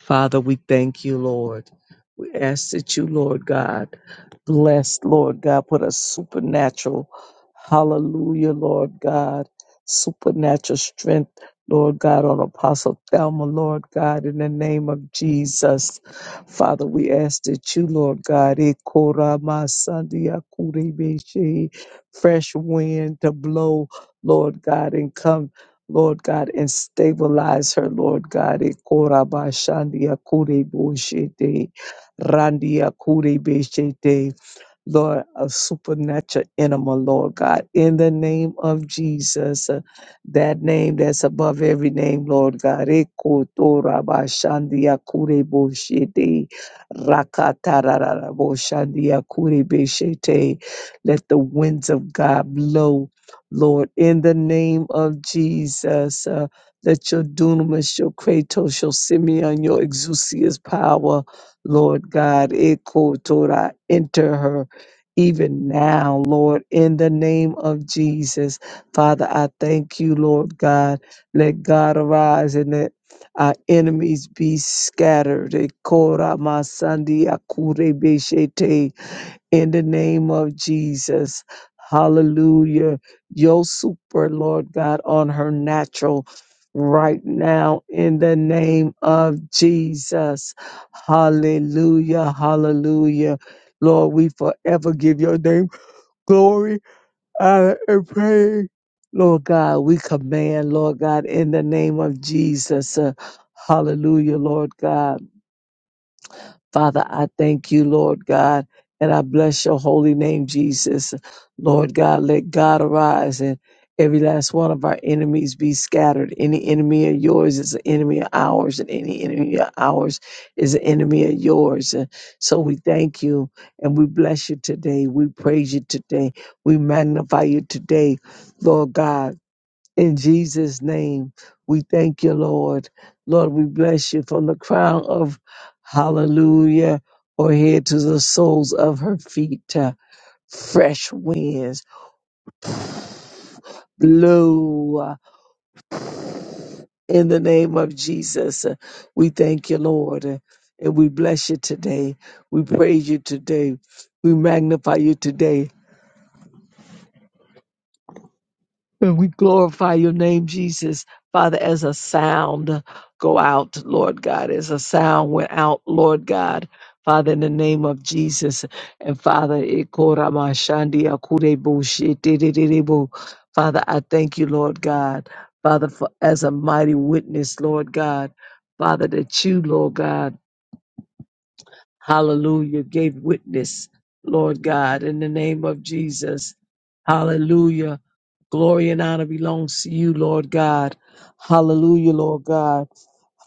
Speaker 4: Father, we thank you, Lord. We ask that you, Lord God, blessed, Lord God. Put a supernatural, hallelujah, Lord God, supernatural strength, Lord God, on Apostle Thelma, Lord God, in the name of Jesus. Father, we ask that you, Lord God, eh, kora ma sandia kure beshe, fresh wind to blow, Lord God, and come. Lord God, and stabilize her, Lord God. eh, kora ba shandia kure boshete, randia kure beshete. Lord, a supernatural animal, Lord God, in the name of Jesus, uh, that name that's above every name, Lord God. Eko to raba shandia kure bo shete, rakata rarara bo shandia kure be shete. Let the winds of God blow, Lord, in the name of Jesus. Uh, let your dunamis, your kratos, your simeon, your exousia's power, Lord God, Eko Torah, enter her even now, Lord, in the name of Jesus. Father, I thank you, Lord God. Let God arise and let our enemies be scattered. Ekora masandi akure beshete in the name of Jesus. Hallelujah. Your super, Lord God, on her natural right now in the name of Jesus. Hallelujah. Hallelujah. Lord, we forever give your name glory, honor, and praise. Lord God, we command, Lord God, in the name of Jesus. uh, hallelujah, Lord God. Father, I thank you, Lord God, and I bless your holy name, Jesus. Lord God, let God arise and every last one of our enemies be scattered. Any enemy of yours is an enemy of ours, and any enemy of ours is an enemy of yours. And so we thank you and we bless you today. We praise you today. We magnify you today, Lord God. In Jesus' name, we thank you, Lord. Lord, we bless you from the crown of hallelujah or head to the soles of her feet. Uh, Fresh winds blow uh, in the name of Jesus. Uh, We thank you, Lord, uh, and we bless you today. We praise you today. We magnify you today. And we glorify your name, Jesus. Father, as a sound go out, Lord God, as a sound went out, Lord God. Father, in the name of Jesus. And Father, ikoramashandi akurebo shetererebo. Father, I thank you, Lord God. Father, for as a mighty witness, Lord God. Father, that you, Lord God, hallelujah, gave witness, Lord God, in the name of Jesus. Hallelujah. Glory and honor belongs to you, Lord God. Hallelujah, Lord God.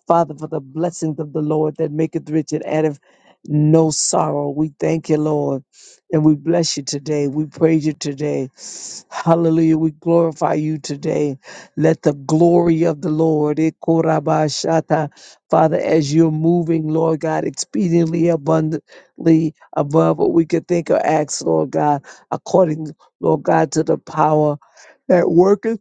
Speaker 4: Father, for the blessings of the Lord that maketh rich and addeth no sorrow. We thank you, Lord. And we bless you today. We praise you today. Hallelujah. We glorify you today. Let the glory of the Lord, eh, korabashata. Father, as you're moving, Lord God, exceedingly abundantly above what we could think or ask, Lord God, according, Lord God, to the power that worketh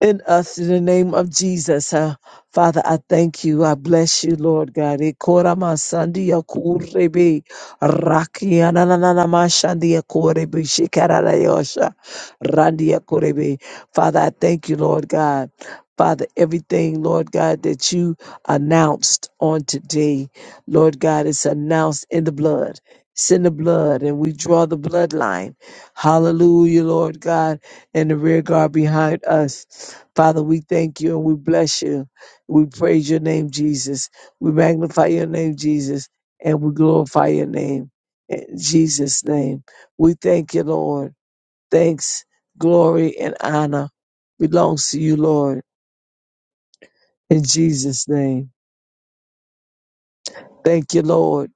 Speaker 4: in us in the name of Jesus. Uh, Father, I thank you. I bless you, Lord God. Ekorama sandia kurebe, rakia na na na na ma shandia korebe, shikara na yosha, randia korebe. Father, I thank you, Lord God. Father, everything, Lord God, that you announced on today, Lord God, is announced in the blood. It's in the blood, and we draw the bloodline. Hallelujah, Lord God, and the rear guard behind us. Father, we thank you and we bless you. We praise your name, Jesus. We magnify your name, Jesus, and we glorify your name. In Jesus' name, we thank you, Lord. Thanks, glory, and honor belongs to you, Lord. In Jesus' name, thank you, Lord.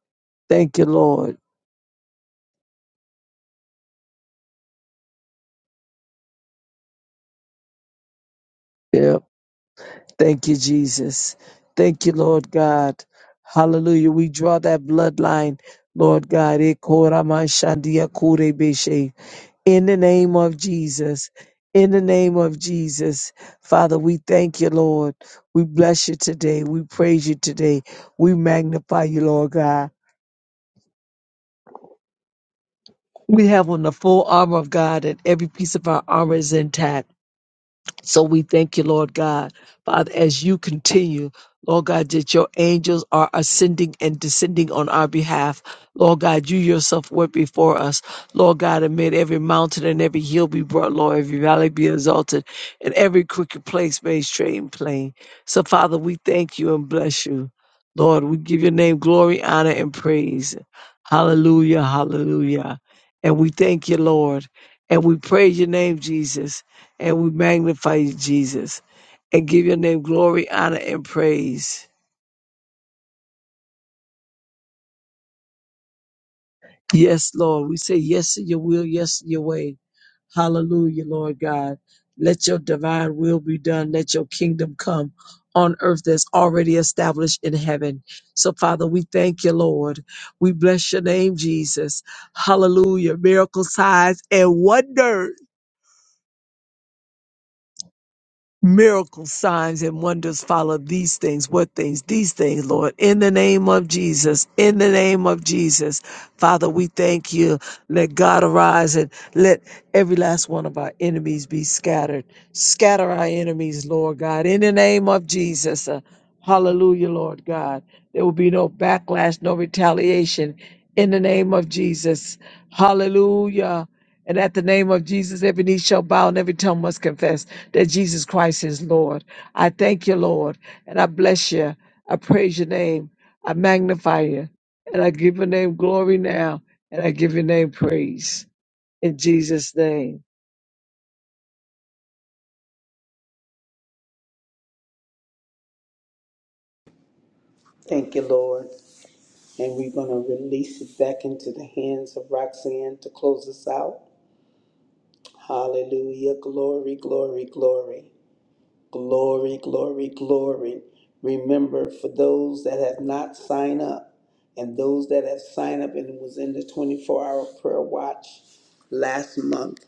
Speaker 4: Thank you, Lord. Yep. Thank you, Jesus. Thank you, Lord God. Hallelujah. We draw that bloodline, Lord God. Ekoramashandiakurebeshe. In the name of Jesus. In the name of Jesus. Father, we thank you, Lord. We bless you today. We praise you today. We magnify you, Lord God. We have on the full armor of God and every piece of our armor is intact. So we thank you, Lord God. Father, as you continue, Lord God, that your angels are ascending and descending on our behalf. Lord God, you yourself went before us. Lord God, amid every mountain and every hill be brought low, every valley be exalted, and every crooked place made straight and plain. So, Father, we thank you and bless you. Lord, we give your name glory, honor, and praise. Hallelujah, hallelujah. And we thank you, Lord. And we praise your name, Jesus and we magnify you, Jesus, and give your name glory, honor, and praise. Yes, Lord. We say yes to your will, yes to your way. Hallelujah, Lord God. Let your divine will be done. Let your kingdom come on earth that's already established in heaven. So, Father, we thank you, Lord. We bless your name, Jesus. Hallelujah. Miracle signs and wonders. Miracle signs and wonders follow these things. What things? These things, Lord. In the name of Jesus. In the name of Jesus. Father, we thank you. Let God arise and let every last one of our enemies be scattered. Scatter our enemies, Lord God. In the name of Jesus. Uh, hallelujah, Lord God. There will be no backlash, no retaliation. In the name of Jesus. Hallelujah. And at the name of Jesus, every knee shall bow and every tongue must confess that Jesus Christ is Lord. I thank you, Lord, and I bless you. I praise your name. I magnify you. And I give your name glory now. And I give your name praise. In Jesus' name.
Speaker 1: Thank you, Lord. And we're going to release it back into the hands of Roxanne to close us out. Hallelujah. Glory, glory, glory. Glory, glory, glory. Remember, for those that have not signed up and those that have signed up and was in the 24 hour prayer watch last month,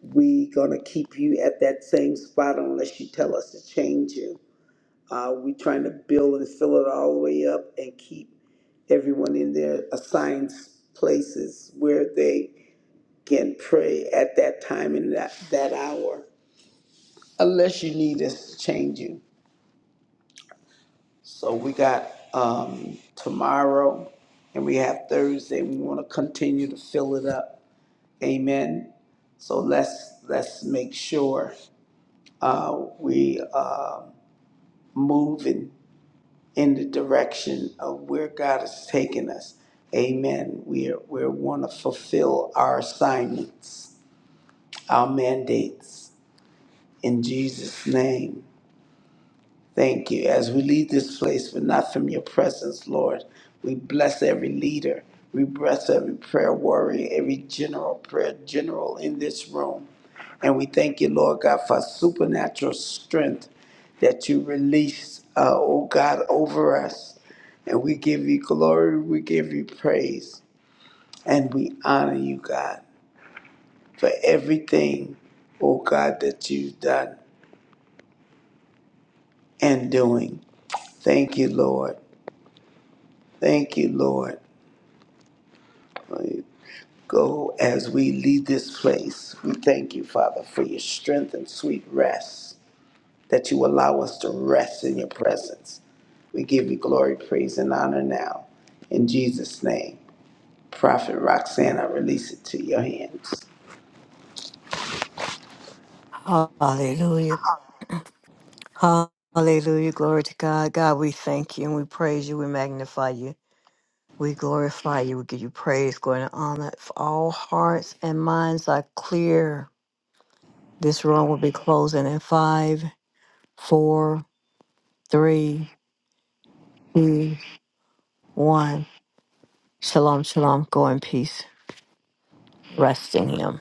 Speaker 1: we gonna keep you at that same spot unless you tell us to change you. Uh, we trying to build and fill it all the way up and keep everyone in their assigned places where they can pray at that time and that, that hour. Unless you need us to change you. So we got um, tomorrow and we have Thursday. We want to continue to fill it up. Amen. So let's let's make sure uh, we uh, moving in in the direction of where God has taken us. Amen. We are, we want to fulfill our assignments, our mandates in Jesus' name. Thank you. As we leave this place, but not from your presence, Lord, we bless every leader. We bless every prayer warrior, every general, prayer general in this room. And we thank you, Lord God, for supernatural strength that you release, uh, oh God, over us. And we give you glory, we give you praise, and we honor you, God, for everything, oh God, that you've done and doing. Thank you, Lord. Thank you, Lord. Go as we leave this place. We thank you, Father, for your strength and sweet rest, that you allow us to rest in your presence. We give you glory, praise, and honor now. In Jesus' name, Prophet Roxanne, I release it to your hands.
Speaker 2: Hallelujah. Hallelujah. Glory to God. God, we thank you and we praise you. We magnify you. We glorify you. We give you praise, glory, and honor. If all hearts and minds are clear, This room will be closing in five, four, three, two, one. Shalom, shalom. Go in peace. Rest in Him.